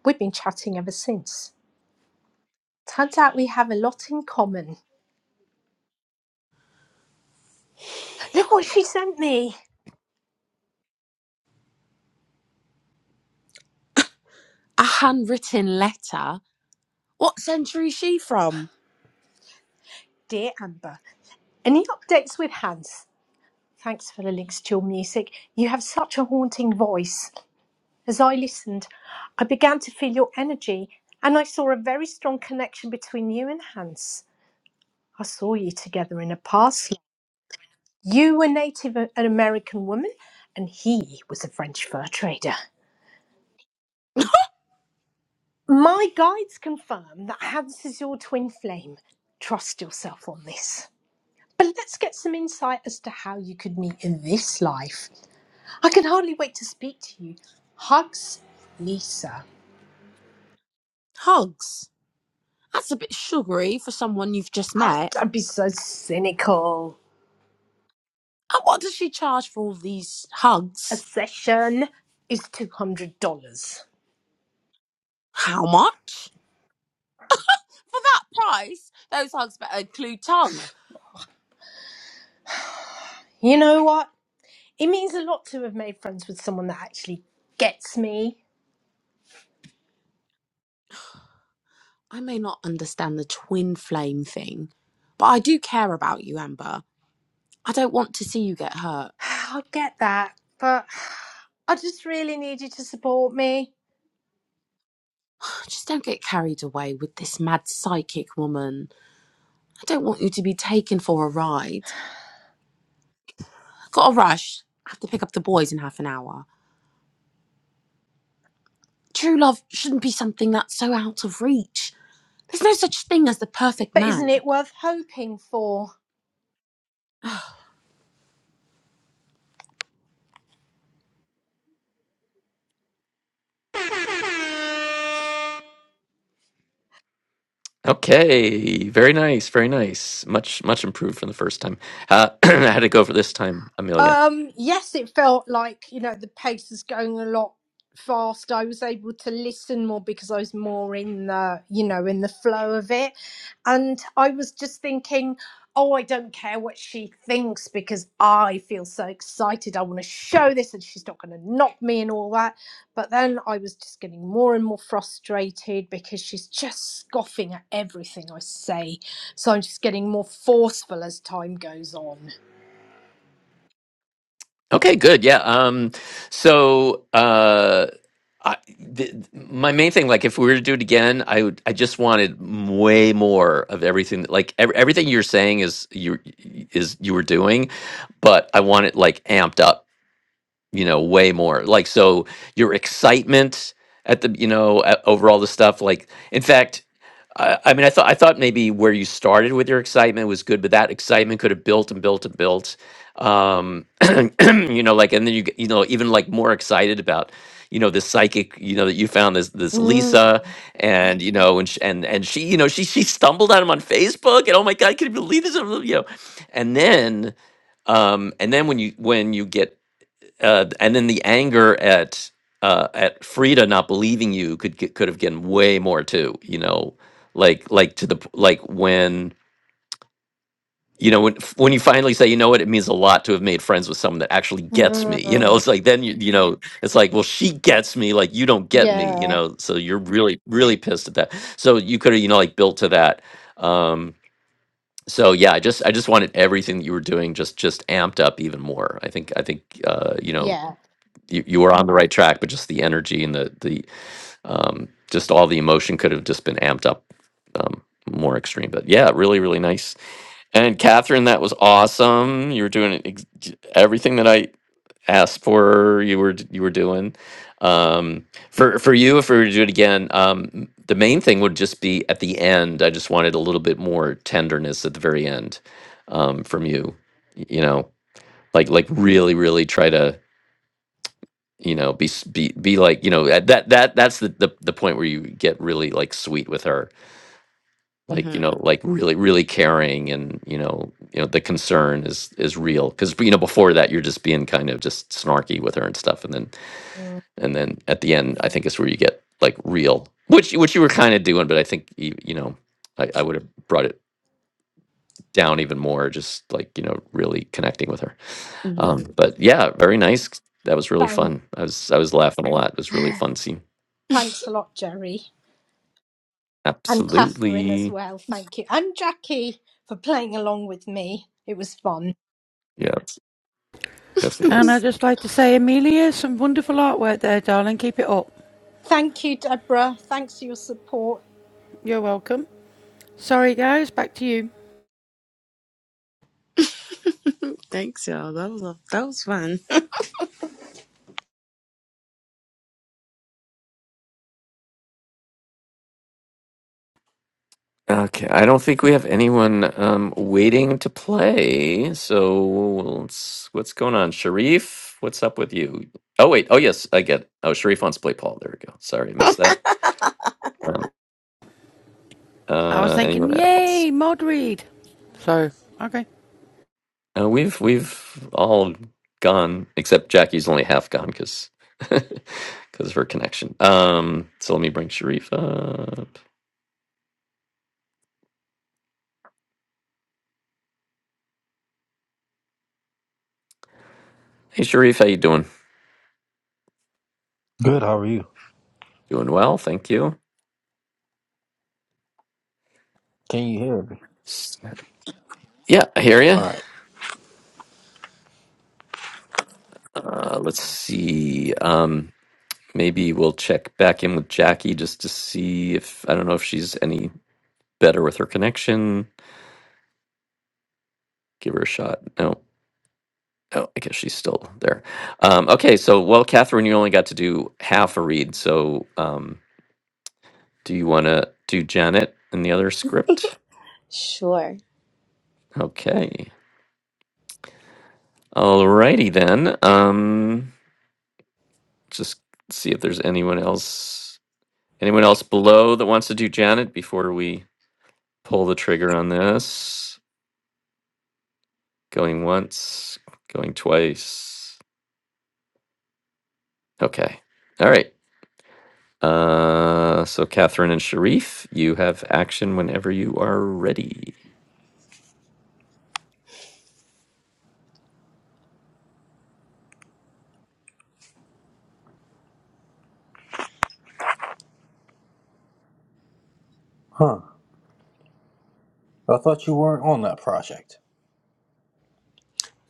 We've been chatting ever since. Turns out we have a lot in common. Look what she sent me.
A handwritten letter? What century is she from?
Dear Amber, any updates with Hans? Thanks for the links to your music. You have such a haunting voice. As I listened, I began to feel your energy, and I saw a very strong connection between you and Hans. I saw you together in a past. life. You were Native an American woman, and he was a French fur trader. My guides confirm that Hans is your twin flame. Trust yourself on this. But let's get some insight as to how you could meet in this life. I can hardly wait to speak to you. Hugs, Lisa.
Hugs. That's a bit sugary for someone you've just
Ah,
met.
don't be so cynical.
And what does she charge for all these
a
hugs?
session is $200.
How much? For that price, those hugs better include tongue.
You know what? It means a lot to have made friends with someone that actually gets me.
I may not understand the twin flame thing, but I do care about you, Amber. I don't want to see you get hurt.
*sighs* I get that, but *sighs* I just really need you to support me.
*sighs* Just don't get carried away with this mad psychic woman. I don't want you to be taken for a ride. Got a rush. I have to pick up the boys in half an hour. True love shouldn't be something that's so out of reach. There's no such thing as the perfect
But isn't
man.
it worth hoping for?
Okay. Very nice. Very nice. Much much improved from the first time. Uh, *clears throat* how did it go for this time, Amelia?
Um, yes, it felt like, you know, the pace was going a lot fast. I was able to listen more because I was more in the, you know, in the flow of it. And I was just thinking, oh, I don't care what she thinks because I feel so excited. I want to show this and she's not going to knock me and all that. But then I was just getting more and more frustrated because she's just scoffing at everything I say. So I'm just getting more forceful as time goes on.
Okay, good. Yeah. Um, so uh, I, th- my main thing, like, if we were to do it again, I would, I just wanted m- way more of everything. that- Like, ev- everything you're saying is you is you were doing, but I want it like amped up you know way more like so your excitement at the you know a- over all the stuff like in fact I, I mean i thought i thought maybe where you started with your excitement was good but that excitement could have built and built and built um *clears throat* you know like and then you get, you know even like more excited about you know this psychic you know that you found this this lisa and you know and sh and and she you know she she stumbled on him on facebook and oh my god can you believe this you know and then um, and then when you when you get uh, and then the anger at uh, at Frida not believing you could get, could have gotten way more too. You know, like like to the p- like when you know when when you finally say you know what it means a lot to have made friends with someone that actually gets me. You know, *laughs*
Mm,
it's like then you you know it's like well she gets me like you don't get me. You
yeah,
know, so you're really really pissed at that. So you could have you know like built to that. Um, so yeah, I just I just wanted everything that you were doing just just amped up even more. I think I think uh, you know
yeah.
you, you were on the right track, but just the energy and the the um, just all the emotion could have just been amped up um, more extreme. But yeah, really, really nice. And Catherine, that was awesome. You were doing ex- everything that I asked for. You were you were doing um, for for you. If we were to do it again, um, the main thing would just be at the end. I just wanted a little bit more tenderness at the very end um, from you. y- You know, like like really, really try to you know be s- be be like you know at that that that's the, the the point where you get really like sweet with her like
hmm
you know like really really caring and you know you know the concern is is real because you know before that you're just being kind of just snarky with her and stuff and then
Mm.
and then at the end i think is where you get like real which which you were kind of doing but i think you, you know i, I would have brought it down even more just like you know really connecting with her
hmm
um but yeah very nice that was really
Thank,
fun i was i was laughing a lot it was really
*sighs*
fun scene
thanks a lot, Jerry. And Catherine as
Absolutely.
well. Thank you. And Jackie for playing along with me. It was fun.
Yes. Yes, it
And I'd
was.
just like to say, Amelia, some wonderful artwork there, darling. Keep it up.
Thank you, Deborah. Thanks for your support.
You're welcome. Sorry, guys, back to you.
*laughs* Thanks, y'all. That was a, that was fun.
Okay. I don't think we have anyone um, waiting to play. So let's, what's going on? Sharif, what's up with you? Oh, wait. Oh, yes. I get it. Oh, Sharif wants to play Paul. There we go. Sorry. I missed that. Um,
I was
uh,
thinking,
anyone else?
yay, mod read. So, okay.
Uh, we've, we've all gone, except Jackie's only half gone because. Because *laughs* of her connection. Um, so let me bring Sharif up. Hey, Sharif, how you doing?
Good, how are you?
Doing well, thank you.
Can you hear me?
Yeah, I hear you.
All right.
Uh, let's see. Um, maybe we'll check back in with Jackie just to see if I don't know if she's any better with her connection. Give her a shot. No. Oh, I guess she's still there. Um, okay, so well, Catherine, you only got to do half a read. So, um, do you want to do Janet and the other script?
Sure.
Okay. Alrighty then. Um, just see if there's anyone else, anyone else below that wants to do Janet before we. pull the trigger on this. Going once, going twice. Okay. All right. Uh, so Catherine and Sharif, you have action whenever you are ready.
Huh. I thought you weren't on that project.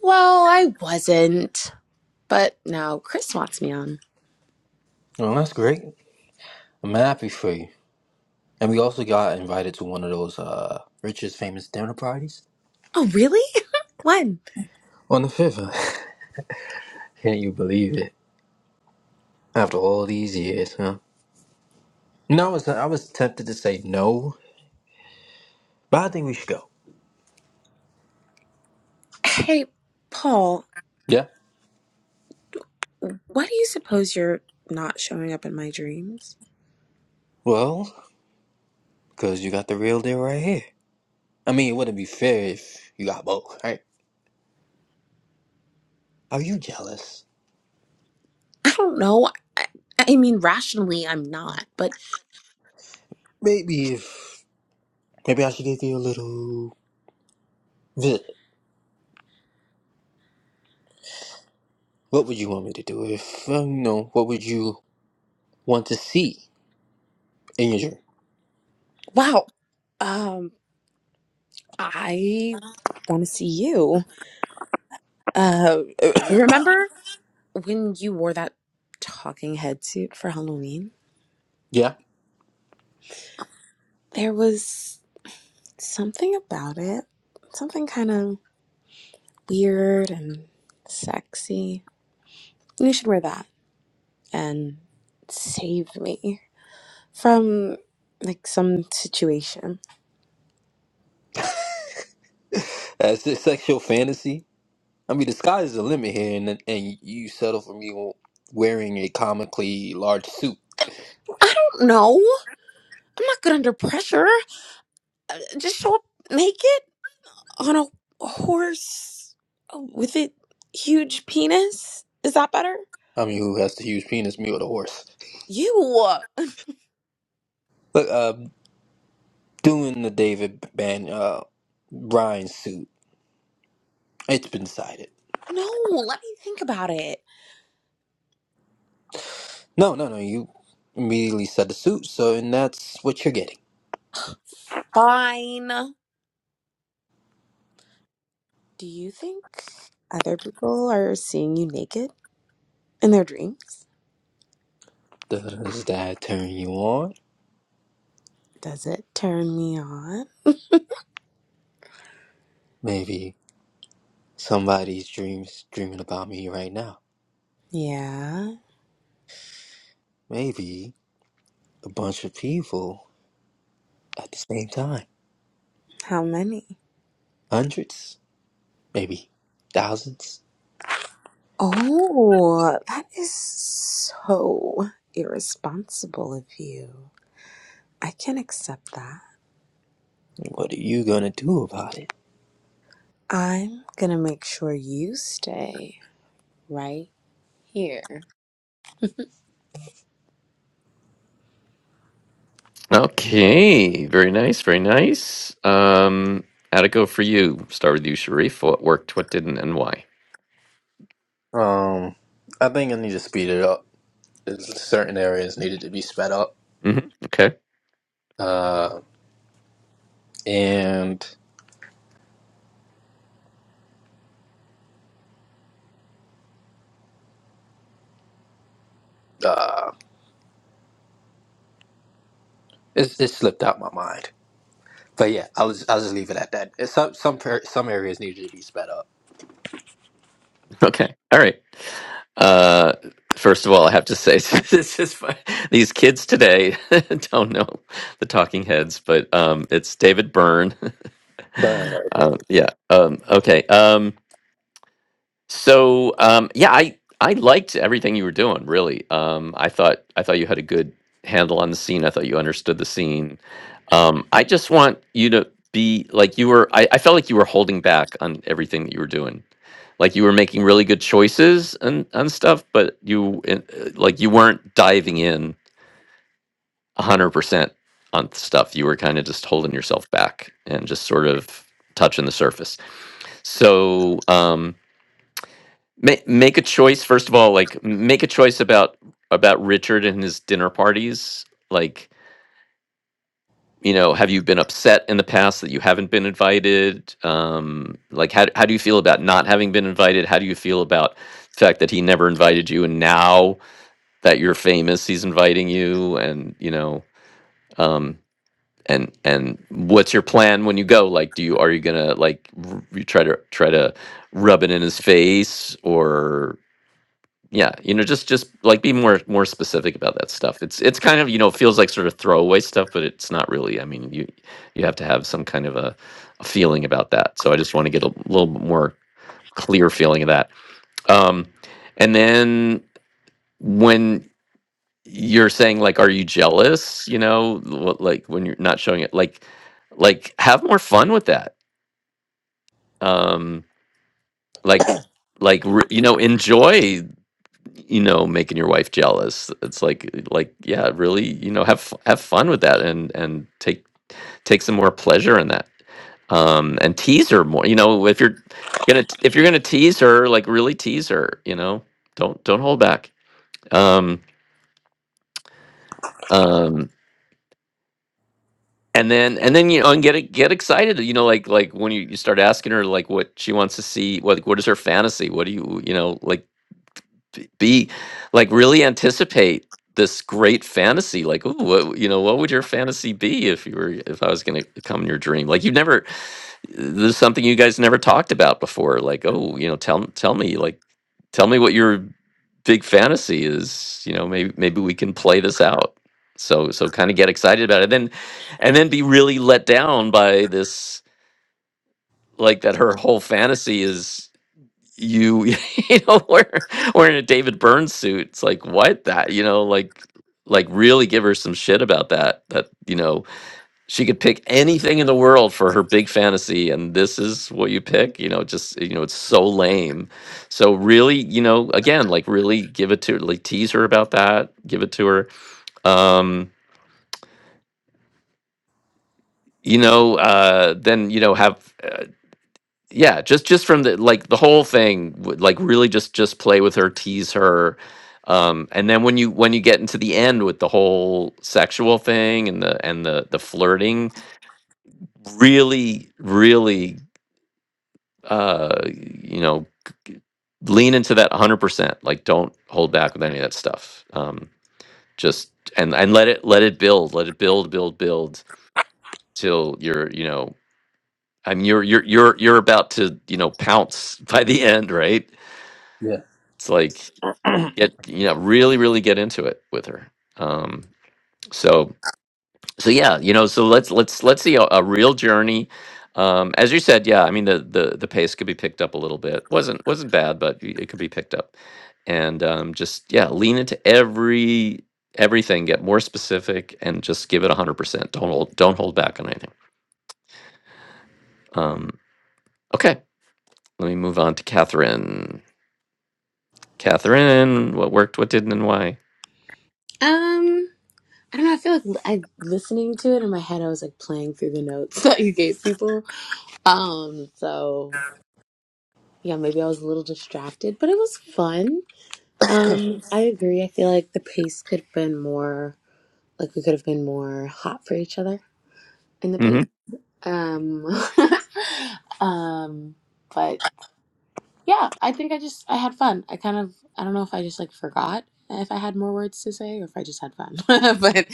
Well, I wasn't, but now Chris wants me on.
Well, that's great. I'm happy for you. And we also got invited to one of those uh richest famous dinner parties
Oh, really? *laughs* when?
on the fifth. *laughs* Can't you believe it? After all these years, huh? No, I was I was tempted to say no, but I think we should go.
Hey, Paul,
Yeah.
why do you suppose you're not showing up in my dreams?
Well, because you got the real deal right here. I mean, it wouldn't be fair if you got both, right? Are you jealous?
I don't know. I, I mean, rationally, I'm not, but
Maybe if maybe I should give you a little visit. What would you want me to do? If um, you know, what would you want to see in your dream?
wow. Um, I want to see you. *laughs* Uh, remember when you wore that talking head suit for Halloween?
Yeah,
There was something about it, something kind of weird and sexy. You should wear that and save me from like some situation.
as a sexual fantasy. I mean, the sky is the limit here, and and you settle for me wearing a comically large suit.
I don't know. I'm not good under pressure. Just show up naked on a horse with a huge penis. Is that better?
I mean, who has the huge penis, me or the horse?
You.
Look, uh, doing the David Ban uh Bryan suit. It's been decided.
No, let me think about it.
No, no, no. You immediately said the suit, so and that's what you're getting.
Fine. Do you think other people are seeing you naked in their dreams?
Does that turn you on?
Does it turn me on?
Maybe Somebody's dreams dreaming about me right now.
Yeah.
Maybe a bunch of people at the same time.
How many?
Hundreds, maybe thousands.
Oh, that is so irresponsible of you. I can accept that.
What are you gonna do about it?
I'm gonna make sure you stay right here.
Okay. Very nice. Very nice. Um, how'd it go for you? Start with you, Sharif. What worked? What didn't? And why?
Um, I think I need to speed it up. There's certain areas needed to be sped up.
hmm Okay. *laughs*
Uh, and uh, it's it slipped out my mind. But yeah, I'll just, I'll just leave it at that. It's some some per- some areas needed to be sped up.
Okay. All right. Uh, first of all, I have to say *laughs* this is fun. these kids today *laughs* don't know the Talking Heads, but um, it's David Byrne *laughs*
Burn.
um, yeah. Um, okay. Um, so um, yeah, I I liked everything you were doing. Really, um, I thought I thought you had a good handle on the scene. I thought you understood the scene. Um, I just want you to be like you were. I, I felt like you were holding back on everything that you were doing. Like you were making really good choices and and stuff, but you uh, uh, like you weren't diving in a hundred percent on stuff. You were kind of just holding yourself back and just sort of touching the surface. So um, make make a choice first of all. Like make a choice about about Richard and his dinner parties. Like you know, have you been upset in the past that you haven't been invited? Um, like how how do you feel about not having been invited? How do you feel about the fact that he never invited you, and now that you're famous, he's inviting you? And you know. Um, and and what's your plan when you go like do you are you gonna like r- you try to try to rub it in his face or yeah you know just just like be more more specific about that stuff it's it's kind of you know feels like sort of throwaway stuff but it's not really i mean you you have to have some kind of a, a feeling about that so i just want to get a little bit more clear feeling of that um and then when you're saying like are you jealous you know what, like when you're not showing it like like have more fun with that um like like re- you know enjoy you know making your wife jealous it's like like yeah really you know have f- have fun with that and and take take some more pleasure in that um and tease her more you know if you're gonna if you're gonna tease her like really tease her you know don't don't hold back um um and then and then you know and get e- get excited you know like like when you, you start asking her like what she wants to see what what is her fantasy what do you you know like be be- like really anticipate this great fantasy like ooh, what you know what would your fantasy be if you were if i was going to come in your dream like you've never this is something you guys never talked about before like oh you know tell tell me like tell me what your big fantasy is you know maybe maybe we can play this out so so kind of get excited about it then and then be really let down by this like that her whole fantasy is you *laughs* you know we're we a David Byrne suit. It's like what that you know like like really give her some shit about that that you know she could pick anything in the world for her big fantasy and this is what you pick you know just you know it's so lame so really you know again like really give it to like tease her about that give it to her um you know uh then you know have uh, yeah just just from the like the whole thing would, like really just just play with her tease her um and then when you when you get into the end with the whole sexual thing and the and the the flirting really really uh you know lean into that 100% like don't hold back with any of that stuff um just and and let it let it build let it build build build till you're you know i mean you're you're you're you're about to you know pounce *laughs* by the end right
Yeah. *coughs*
it's like get you know really really get into it with her um so so yeah you know so let's let's let's see a, a real journey um as you said yeah i mean the the the pace could be picked up a little bit wasn't wasn't bad but y- it could be picked up and um just yeah lean into every everything get more specific and just give it 100% don't hold don't hold back on anything um okay let me move on to catherine catherine what worked what didn't and why
Um. I don't know. I feel like l- I listening to it in my head. I was like playing through the notes *laughs* that you gave people. Um, so yeah, maybe I was a little distracted, but it was fun. Um, I agree. I feel like the pace could have been more. Like we could have been more hot for each other in the
Mm-hmm.
pace. Um, *laughs* um, but yeah, I think I just I had fun. I kind of I don't know if I just like forgot if I had more words to say or if I just had fun. *laughs* but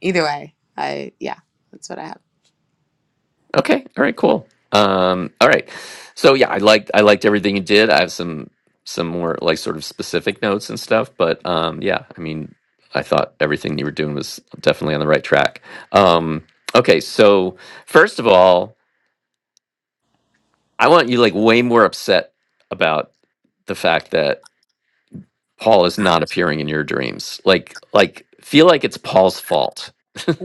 either way, I yeah, that's what I have.
Okay. All right. Cool. Um, all right. So yeah, I liked I liked everything you did. I have some some more like sort of specific notes and stuff, but um, yeah, I mean, I thought everything you were doing was definitely on the right track. Um, okay. So first of all, I want you like way more upset about the fact that Paul is not appearing in your dreams. Like like feel like it's Paul's fault. *laughs*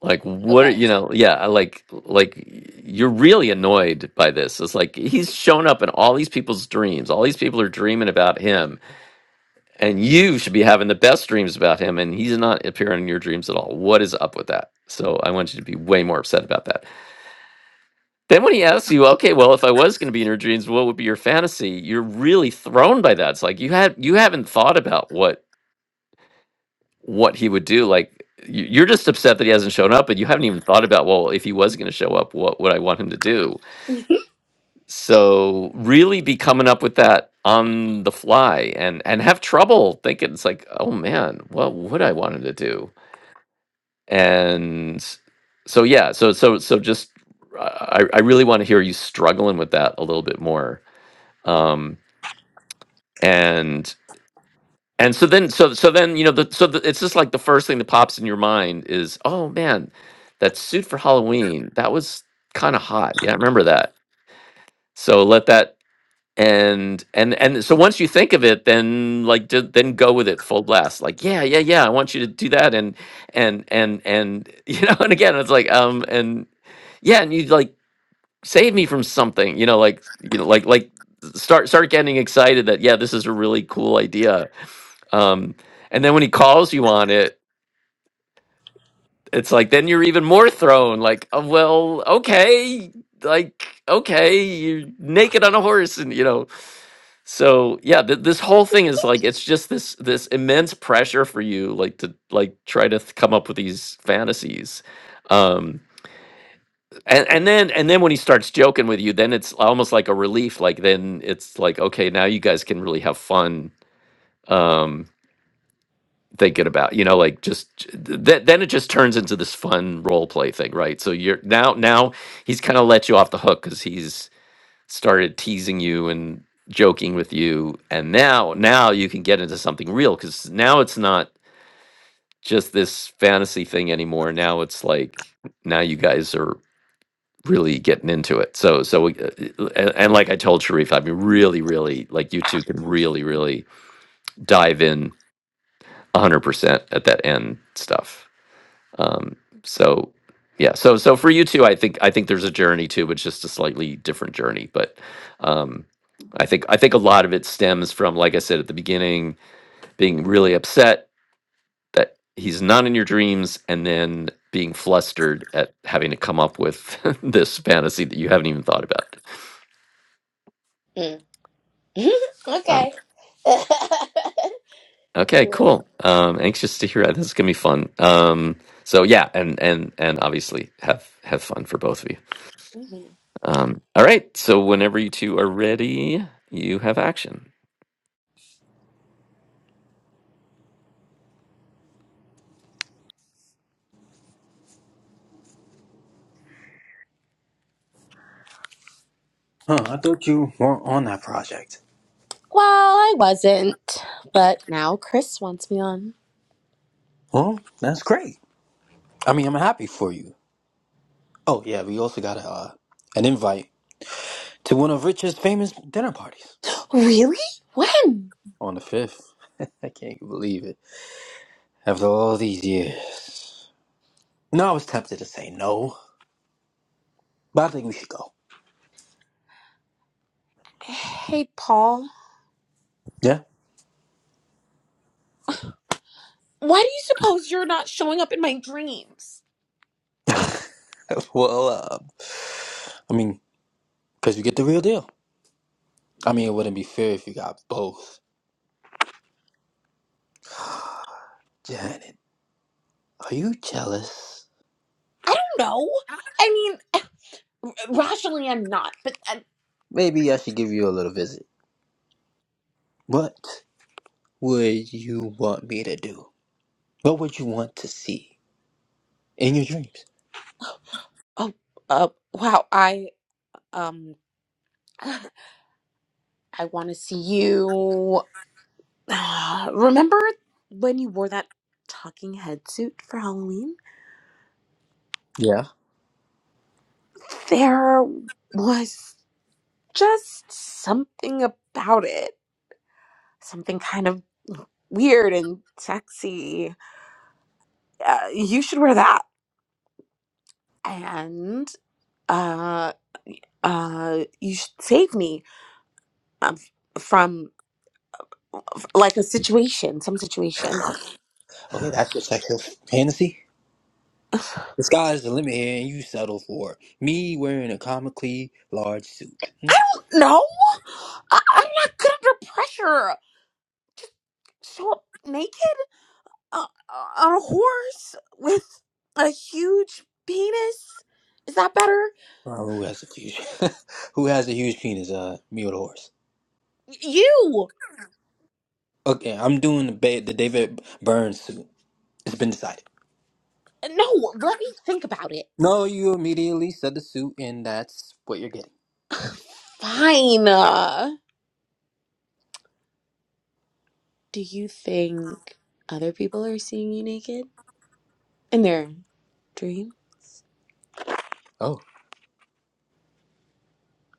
Like what are
Okay.
you know, yeah, I like like you're really annoyed by this. It's like he's shown up in all these people's dreams. All these people are dreaming about him, and you should be having the best dreams about him, and he's not appearing in your dreams at all. What is up with that? So I want you to be way more upset about that. Then when he asks you, okay, well, if I was going to be in your dreams, what would be your fantasy? You're really thrown by that. It's like you had you haven't thought about what what he would do. Like you- you're just upset that he hasn't shown up, and you haven't even thought about well, if he was going to show up, what would I want him to do? So really be coming up with that on the fly, and and have trouble thinking. It's like oh man, what would I want him to do? And so yeah, so so so just I I really want to hear you struggling with that a little bit more. Um, and And so then, so so then, you know, the, so the, it's just like the first thing that pops in your mind is, oh man, that suit for Halloween that was kind of hot. Yeah, I remember that. So let that and and and so once you think of it, then like ju- then go with it full blast. Like yeah, yeah, yeah, I want you to do that and and and and *laughs* you know, and again, it's like um and yeah, and you like save me from something, you know, like you know, like like start start getting excited that yeah, this is a really cool idea um, and then when he calls you on it, it's like then you're even more thrown. Like, oh, well, okay, like okay, you're naked on a horse, and you know. So yeah, th- this whole thing is like it's just this this immense pressure for you, like to like try to th- come up with these fantasies. Um, and and then and then when he starts joking with you, then it's almost like a relief. Like then it's like okay, now you guys can really have fun. Um, thinking about you know like just th- then it just turns into this fun role play thing right so you're now now he's kind of let you off the hook because he's started teasing you and joking with you and now now you can get into something real because now it's not just this fantasy thing anymore now it's like now you guys are really getting into it so so we- uh, uh, and, and like i told sharif i mean really really like you two can really really dive in 100% at that end stuff Um, so yeah, so so for you too, I think I think there's a journey too, but just a slightly different journey. But um, I think I think a lot of it stems from, like I said at the beginning, being really upset that he's not in your dreams, and then being flustered at having to come up with *laughs* this fantasy that you haven't even thought about.
Mm. *laughs*
Um,
okay. *laughs*
okay,
cool.
cool. Um, anxious to hear that. This is gonna be fun. Um, so yeah, and and and obviously have have fun for both of you.
Mhm.
Um, all right. So whenever you two are ready, you have action. *laughs*
Huh, I thought you weren't on that project.
Well, I wasn't, but now Chris wants me on.
Well, that's great. I mean, I'm happy for you. Oh, yeah, we also got a, uh, an invite to one of Richard's famous dinner parties
Really? When?
on the 5th. *laughs* I can't believe it. After all these years. No, I was tempted to say no, but I think we should go.
Hey, Paul.
Yeah?
Why do you suppose you're not showing up in my dreams?
*laughs* well, uh, I mean, because you get the real deal. I mean, it wouldn't be fair if you got both. Janet, are you jealous?
I don't know. I mean, *laughs* rationally, I'm not, but i
Maybe I should give you a little visit. What would you want me to do? What would you want to see in your dreams?
oh, uh, wow. I um, *sighs* I want to see you. *sighs* remember when you wore that talking head suit for Halloween?
Yeah.
there was just something about it, something kind of weird and sexy. Uh, you should wear that, and uh, uh, you should save me um, from like a situation, some situation.
Okay, that's your sexual fantasy.
I
The sky's the limit here, and you settle for me wearing a comically large suit. Hmm?
do No, I- I'm not good under pressure. Show up naked uh, on a horse with a huge penis. Is that better?
Uh, who has a huge, *laughs* who has a huge penis? Uh, me or the horse?
You!
Okay, I'm doing the ba- the David Burns suit. It's been decided.
No, let me think about it.
No, you immediately said the suit, and that's what you're getting.
Fine. Uh, do you think other people are seeing you naked in their dream?
Oh,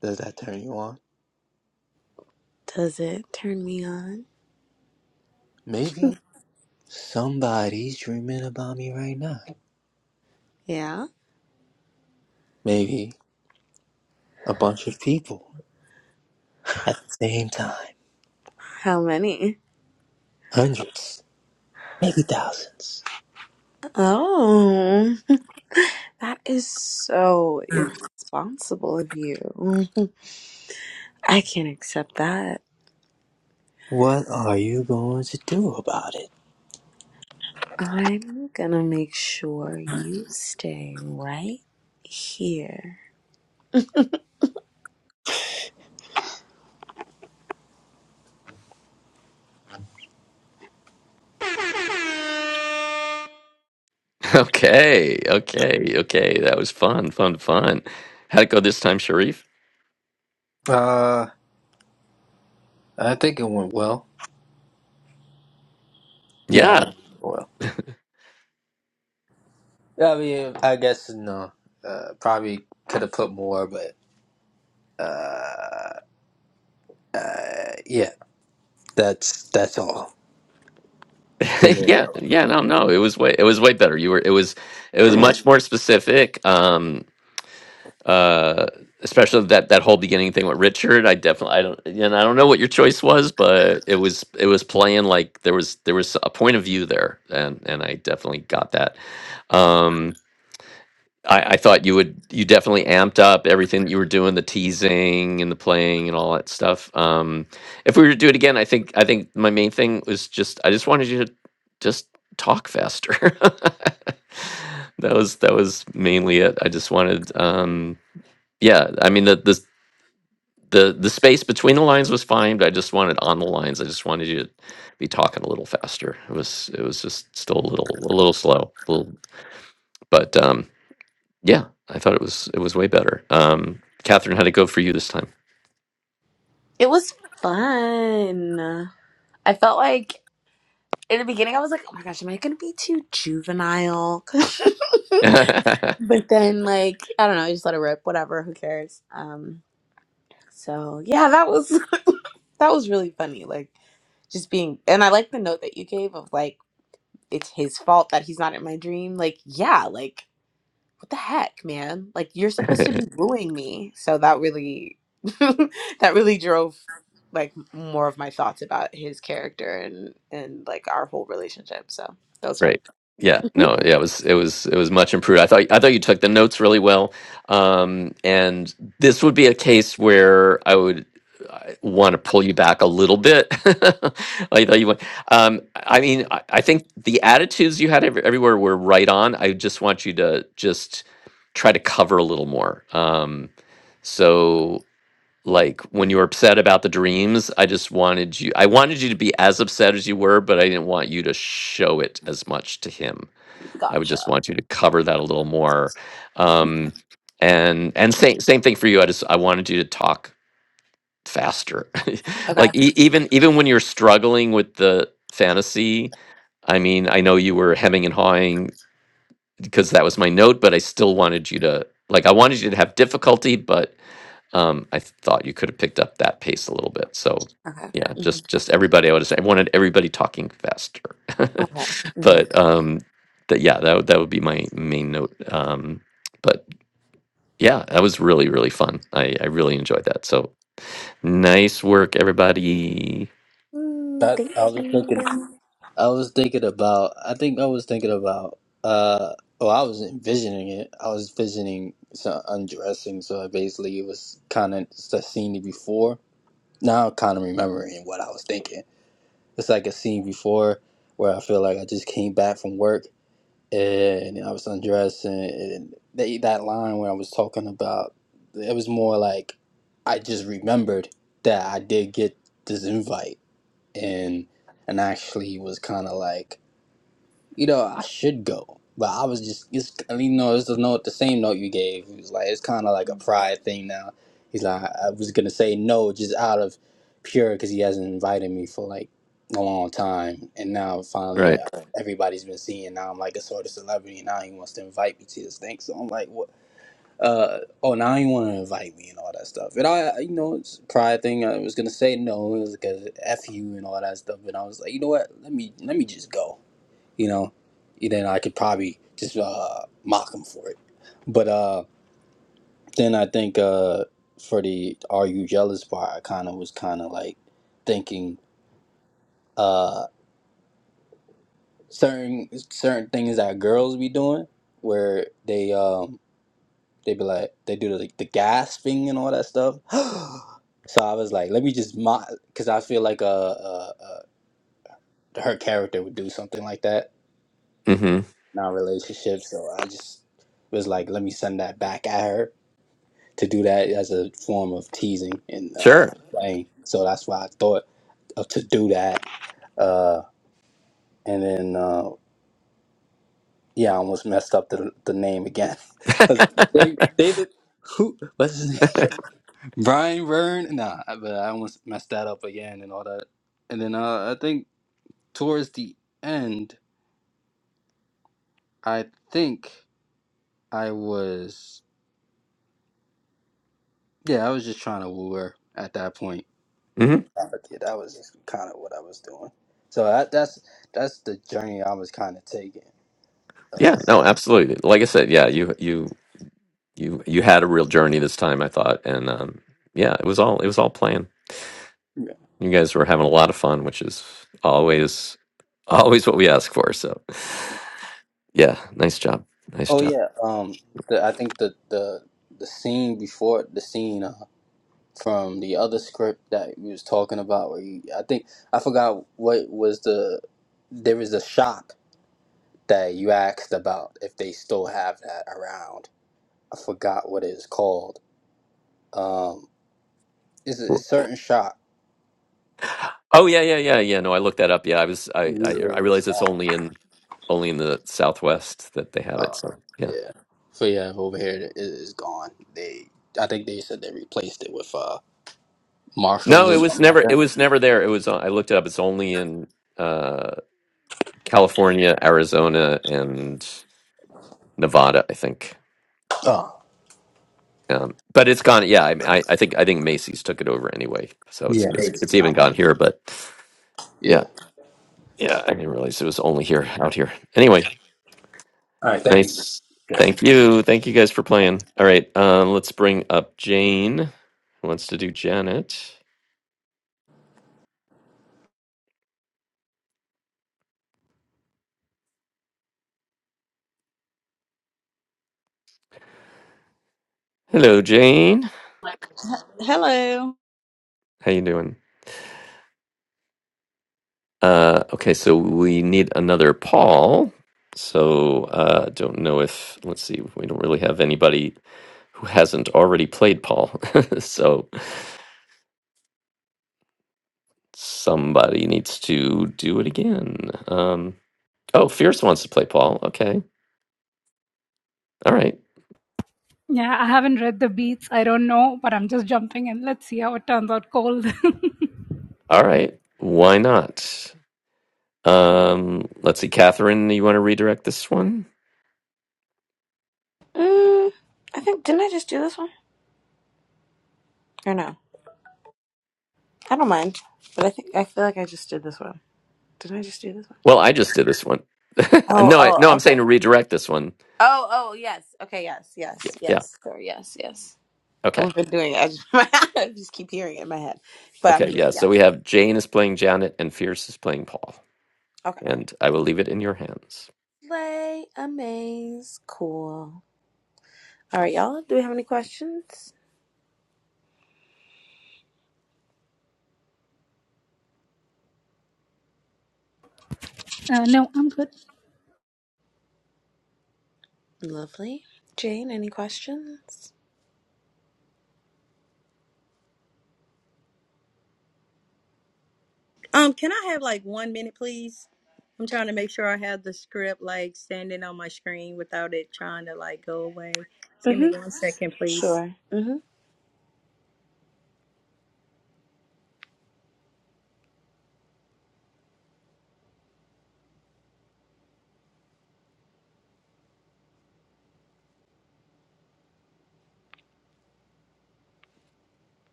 does that turn you on?
Does it turn me on?
Maybe somebody's dreaming about me right now.
Yeah?
Maybe a bunch of people at the same time,
How many?
hundreds, maybe thousands.
Oh, *laughs* that is so irresponsible of you. *laughs* I can't accept that.
What are you going to do about it?
I'm gonna make sure you stay right here.
Okay. Okay. Okay. That was fun. Fun. Fun. How'd it go this time, Sharif?
Uh, I think it went well. Yeah, I
Yeah.
think it went well. I mean, I guess no. Uh, probably could have put more, but yeah, that's that's all.
*laughs*
Think
yeah. Yeah. No. No. It was way. It was way better. You were. It was. It was much more specific. Um. uh especially that that whole beginning thing with richard i definitely i don't and i don't know what your choice was but it was it was playing like there was there was a point of view there and and i definitely got that um i i thought you would you definitely amped up everything that you were doing the teasing and the playing and all that stuff um if we were to do it again i think i think my main thing was just i just wanted you to just talk faster *laughs* that was that was mainly it i just wanted um yeah i mean the the the, the space between the lines was fine but i just wanted on the lines i just wanted you to be talking a little faster it was it was just still a little a little slow a little, but um yeah i thought it was it was way better um catherine how'd it go for you this time
It was fun. I felt like in the beginning, I was like, oh my gosh, am I gonna be too juvenile? *laughs* but then, like, I don't know, I just let it rip. Whatever, who cares? Um, so yeah, that was *laughs* that was really funny. Like, just being, and I like the note that you gave of like, it's his fault that he's not in my dream. Like, yeah, like what the heck, man? Like, you're supposed
*laughs*
to be wooing me. So that really, *laughs* that really drove like more of my thoughts about his character and and like our whole relationship. So that was fun.
Great. Yeah.
Mhm.
No. Yeah. It was. It was. It was much improved. I thought. I thought you took the notes really well. Um, and this would be a case where I would want to pull you back a little bit. *laughs* I thought you went. Um, I mean, I, I think the attitudes you had every, everywhere were right on. I just want you to just try to cover a little more. Um, so like when you were upset about the dreams i just wanted you i wanted you to be as upset as you were but i didn't want you to show it as much to him i would
Gotcha.
just want you to cover that a little more um and and same same thing for you i just i wanted you to talk faster *laughs*
Okay.
like e- even even when you're struggling with the fantasy i mean i know you were hemming and hawing because that was my note but i still wanted you to like i wanted you to have difficulty but um, I thought you could have picked up that pace a little bit. So
Okay.
yeah,
hmm
just just everybody. I would have said I wanted everybody talking faster,
Okay.
*laughs*
hmm
but um, that yeah, that would that would be my main note. Um, but yeah, that was really really fun. I I really enjoyed that. So nice work, everybody.
Mm,
that I
thank
was
you.
thinking. I was thinking about. I think I was thinking about. Uh, well, I was envisioning it. I was envisioning some undressing. So basically, it was kind of the scene before. Now, I'm kind of remembering what I was thinking. It's like a scene before where I feel like I just came back from work and I was undressing. And they, that line where I was talking about, it was more like I just remembered that I did get this invite and and actually was kind of like you know, I should go. But I was just, it's, you know, it's the note, the same note you gave. It was like, it's kind of like a pride thing now. He's like, I I was going to say no just out of pure because he hasn't invited me for like a long time. And now finally,
Right.
uh, everybody's been seeing. Now I'm like a sort of celebrity. And now he wants to invite me to this thing. So I'm like, what? Uh, oh, now he want to invite me and all that stuff. And I, you know, it's a pride thing. I was going to say no It was because F you and all that stuff. And I was like, you know what? Let me, let me just go you know, then I could probably just uh, mock him for it. But uh, then I think uh, for the "Are you jealous?" part, I kind of was kind of like thinking uh, certain certain things that girls be doing, where they um, they be like they do the, like, the gasping and all that stuff. *gasps* so I was like, let me just mock, because I feel like uh, uh, uh, her character would do something like that
hmm
in our relationship. So I just was like, let me send that back at her to do that as a form of teasing and
Sure.
uh, playing. So that's why I thought of to do that. Uh, and then uh, yeah, I almost messed up the the name again. *laughs* Dave-
*laughs*
David, who? What's his name? *laughs* Brian Vern. Nah, I- but I almost messed that up again and all that. And then uh, I think towards the end, I think I was yeah, I was just trying to woo her at that point.
hmm
But yeah, that was kind of what I was doing. So that, that's that's the journey I was kind of taking. Uh,
Yeah. No, absolutely. Like I said, yeah, you you you you had a real journey this time, I thought. And um yeah, it was all it was all planned.
yeah.
You guys were having a lot of fun, which is always always what we ask for. So, yeah, nice job. Nice
Oh
job.
yeah. Um, the, I think the the the scene before the scene uh, from the other script that we was talking about, where you, I think I forgot what was the there was a shop that you asked about if they still have that around. I forgot what it is called. Um, it's a,
Cool.
it's certain shop.
Oh yeah, yeah, yeah, yeah. No, I looked that up. Yeah, I was I I, I realized it's
Yeah.
only in only in the Southwest that they have it.
Oh,
So, yeah.
yeah. So yeah, over here it it is gone. They, I think they said they replaced it with uh Marshalls
No, it
or
was
something like
never. It
that.
was never there. It was. uh, I looked it up. It's only in uh, California, Arizona, and Nevada, I think.
Oh,
Um, but it's gone. Yeah, I, I, I think. I think Macy's took it over anyway. So it's
yeah. They,
it's it's
it's
even
not.
gone here. But
Yeah.
yeah, yeah. I didn't realize it was only here, out here. Anyway,
All right. Thank you.
nice. Thank you. Thank you guys for playing. All right. Um, let's bring up Jane. Who wants to do Janet? Hello, Jane.
He- Hello.
How you doing? Uh, okay, so we need another Paul. So uh, I don't know if let's see, we don't really have anybody who hasn't already played Paul. *laughs* so somebody needs to do it again. Um, oh, Fierce wants to play Paul. Okay, all right,
Yeah, I haven't read the beats. I don't know, but I'm just jumping in. Let's see how it turns out cold. *laughs*
all right. Why not? Um, let's see, Catherine, you want to redirect this one?
Mm, I think didn't I just do this one or no? I don't mind, but I think I feel like I just did this one. Didn't I just do this one?
Well, I just did this one. *laughs*
Oh.
no, I,
Oh.
no, I'm
Okay.
saying to redirect this one.
Oh. Oh. Yes. Okay. Yes. Yes.
Yeah. yeah.
Yes. Sorry. Yes. Yes.
Okay.
We've been doing it. I just, *laughs* I just keep hearing it in my head, but I'm
Okay,
here.
yeah. So we
Yes.
have Jane is playing Janet and Fierce is playing Paul.
Okay.
And I will leave it in your hands.
Play amaze. Cool. All right, y'all. Do we have any questions?
uh, no, I'm good.
Lovely. Jane, any questions?
Um, can I have like one minute, please? I'm trying to make sure I have the script and then on my without it trying to like go away. Just give
Mm-hmm.
me one second, please.
Sure. Mm-hmm.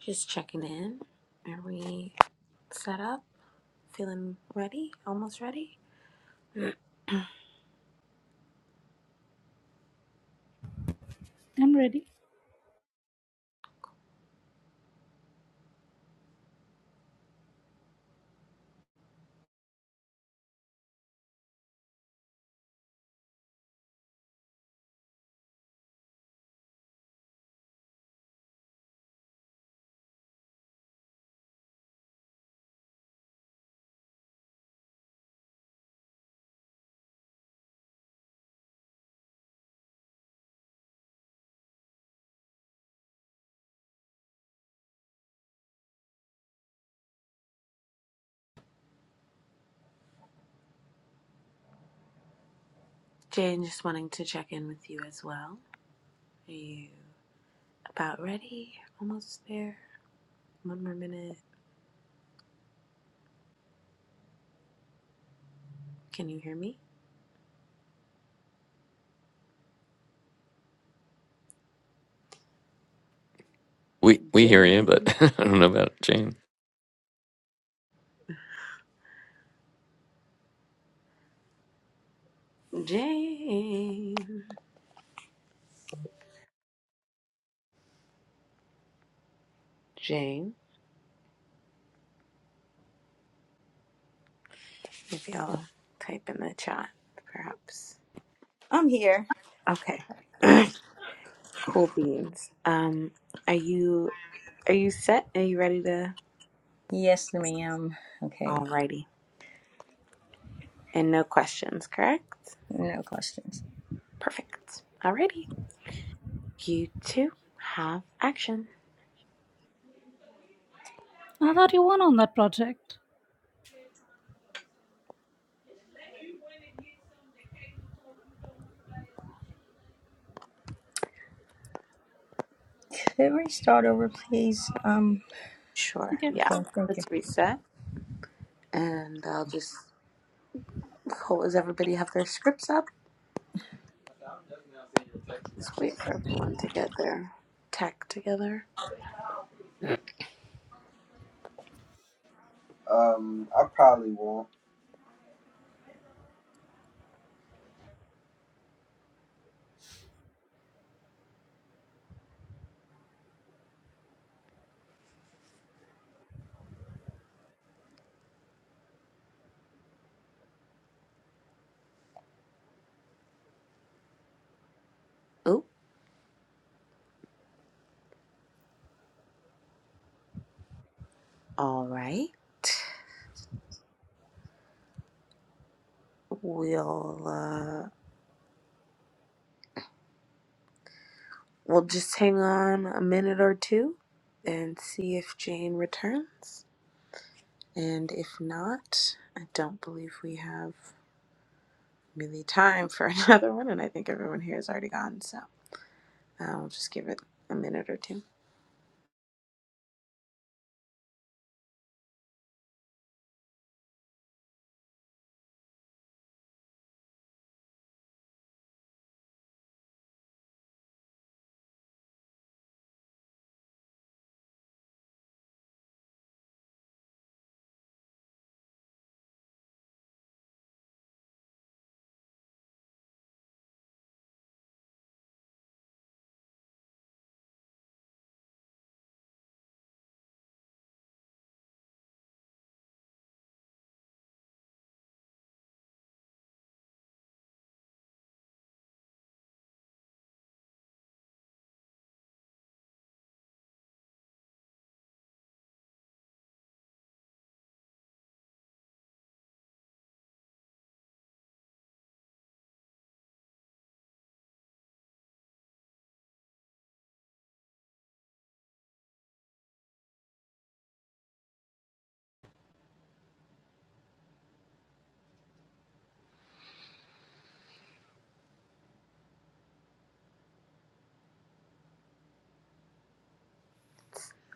Just checking in. Are we set up? Feeling ready? Almost ready? *clears throat*
I'm ready.
Jane, just wanting to check in with you as well. Are you about ready? Almost there? One more minute. Can you hear me?
We we hear you, but
Jane.
*laughs* I don't know about Jane.
Jane. Jane. If y'all type in the chat, perhaps.
I'm here.
Okay. *clears throat* cool beans. Um, are you are you set? Are you ready to
Yes, ma'am. Okay,
Alrighty. And no questions, correct?
no questions.
Perfect. Alrighty. You two have action.
I thought you won on that project.
Could we start over, please? Um,
Sure.
Okay.
Yeah.
okay,
Let's
thank
reset. And I'll just cool. Does everybody have their scripts up? Just wait for everyone to get their tech together.
you.
Oh, all right. We'll uh we'll just hang on a minute or two and see if Jane returns. And if not, I don't believe we have really time for *laughs* another one and I think everyone here is already gone, so I'll just give it a minute or two.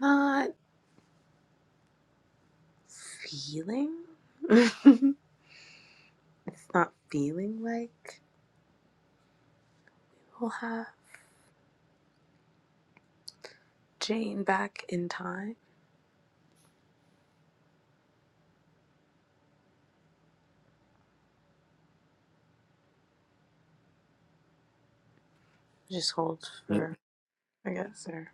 Not feeling. *laughs* it's not feeling like we'll have Jane back in time. Just hold
Yeah.
for, I guess, or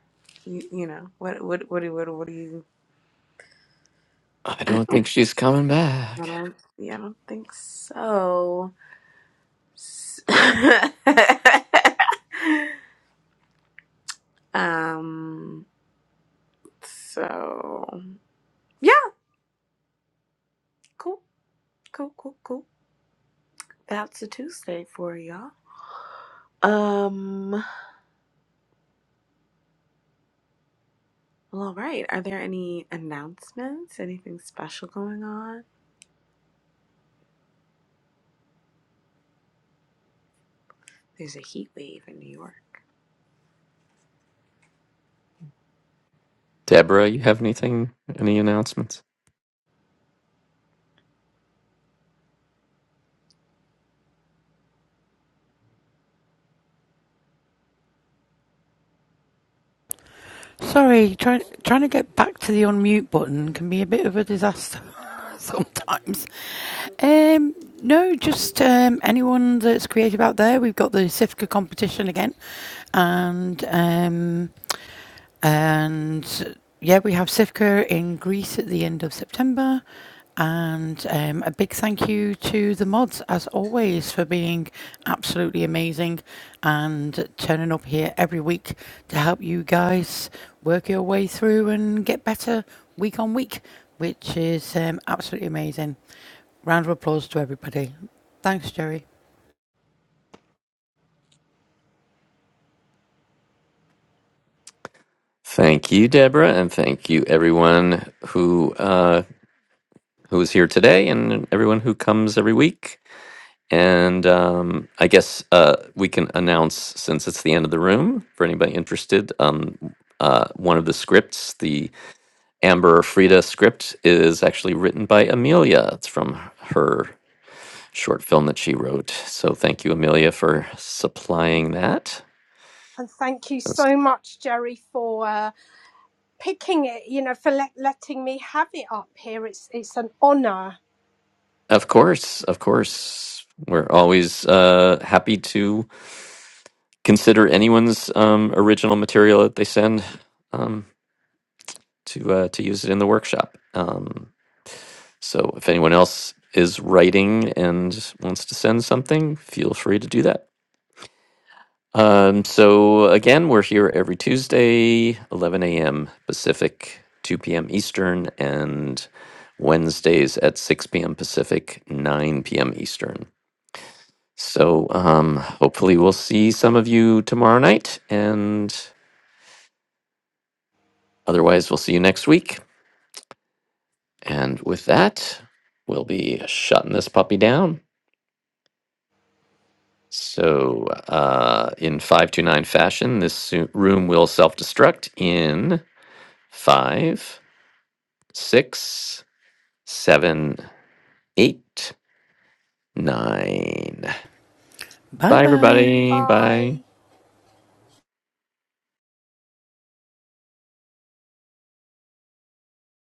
you, you know, what, what, what, what, what do you?
I don't think she's coming
I
back.
don't. Yeah, I don't think so. S- *laughs* um. So yeah, cool, cool, cool, cool. That's a Tuesday for y'all. Um. Well, all right. Are there any announcements? Anything special going on? There's a heat wave in New York.
Deborah, you have anything any announcements?
Sorry, trying trying to get back to the unmute button can be a bit of a disaster *laughs* sometimes. Um, no, just um, anyone that's creative out there. We've got the Sifka competition again, and um, And yeah, we have Sivka in Greece at the end of September. And um, a big thank you to the mods, as always, for being absolutely amazing and turning up here every week to help you guys work your way through and get better week on week, which is um, absolutely amazing. Round of applause to everybody. Thanks, Jerry.
Thank you, Deborah, and thank you everyone who uh who is here today and everyone who comes every week. And um, I guess uh, we can announce since it's the end of the room for anybody interested. Um, uh, one of the scripts, the Amber Frida script is actually written by Amelia. It's from her short film that she wrote. So thank you, Amelia, for supplying that.
And thank you
Yes.
so much, Jerry, for uh, picking it, you know, for let letting me have it up here. It's it's an honour.
Of course, of course. We're always uh, happy to consider anyone's um, original material that they send um, to uh, to use it in the workshop. Um, so if anyone else is writing and wants to send something, feel free to do that. Um, so again, we're here every Tuesday, 11 a.m. Pacific, 2 p.m. Eastern, and Wednesdays at 6 p.m. Pacific, 9 p.m. Eastern. So um, hopefully, we'll see some of you tomorrow night, and otherwise, we'll see you next week. And with that, we'll be shutting this puppy down. So, uh, in 529 fashion, this su- room will self destruct in five six, seven, eight, nine.
Bye
Bye,
bye.
everybody. Bye.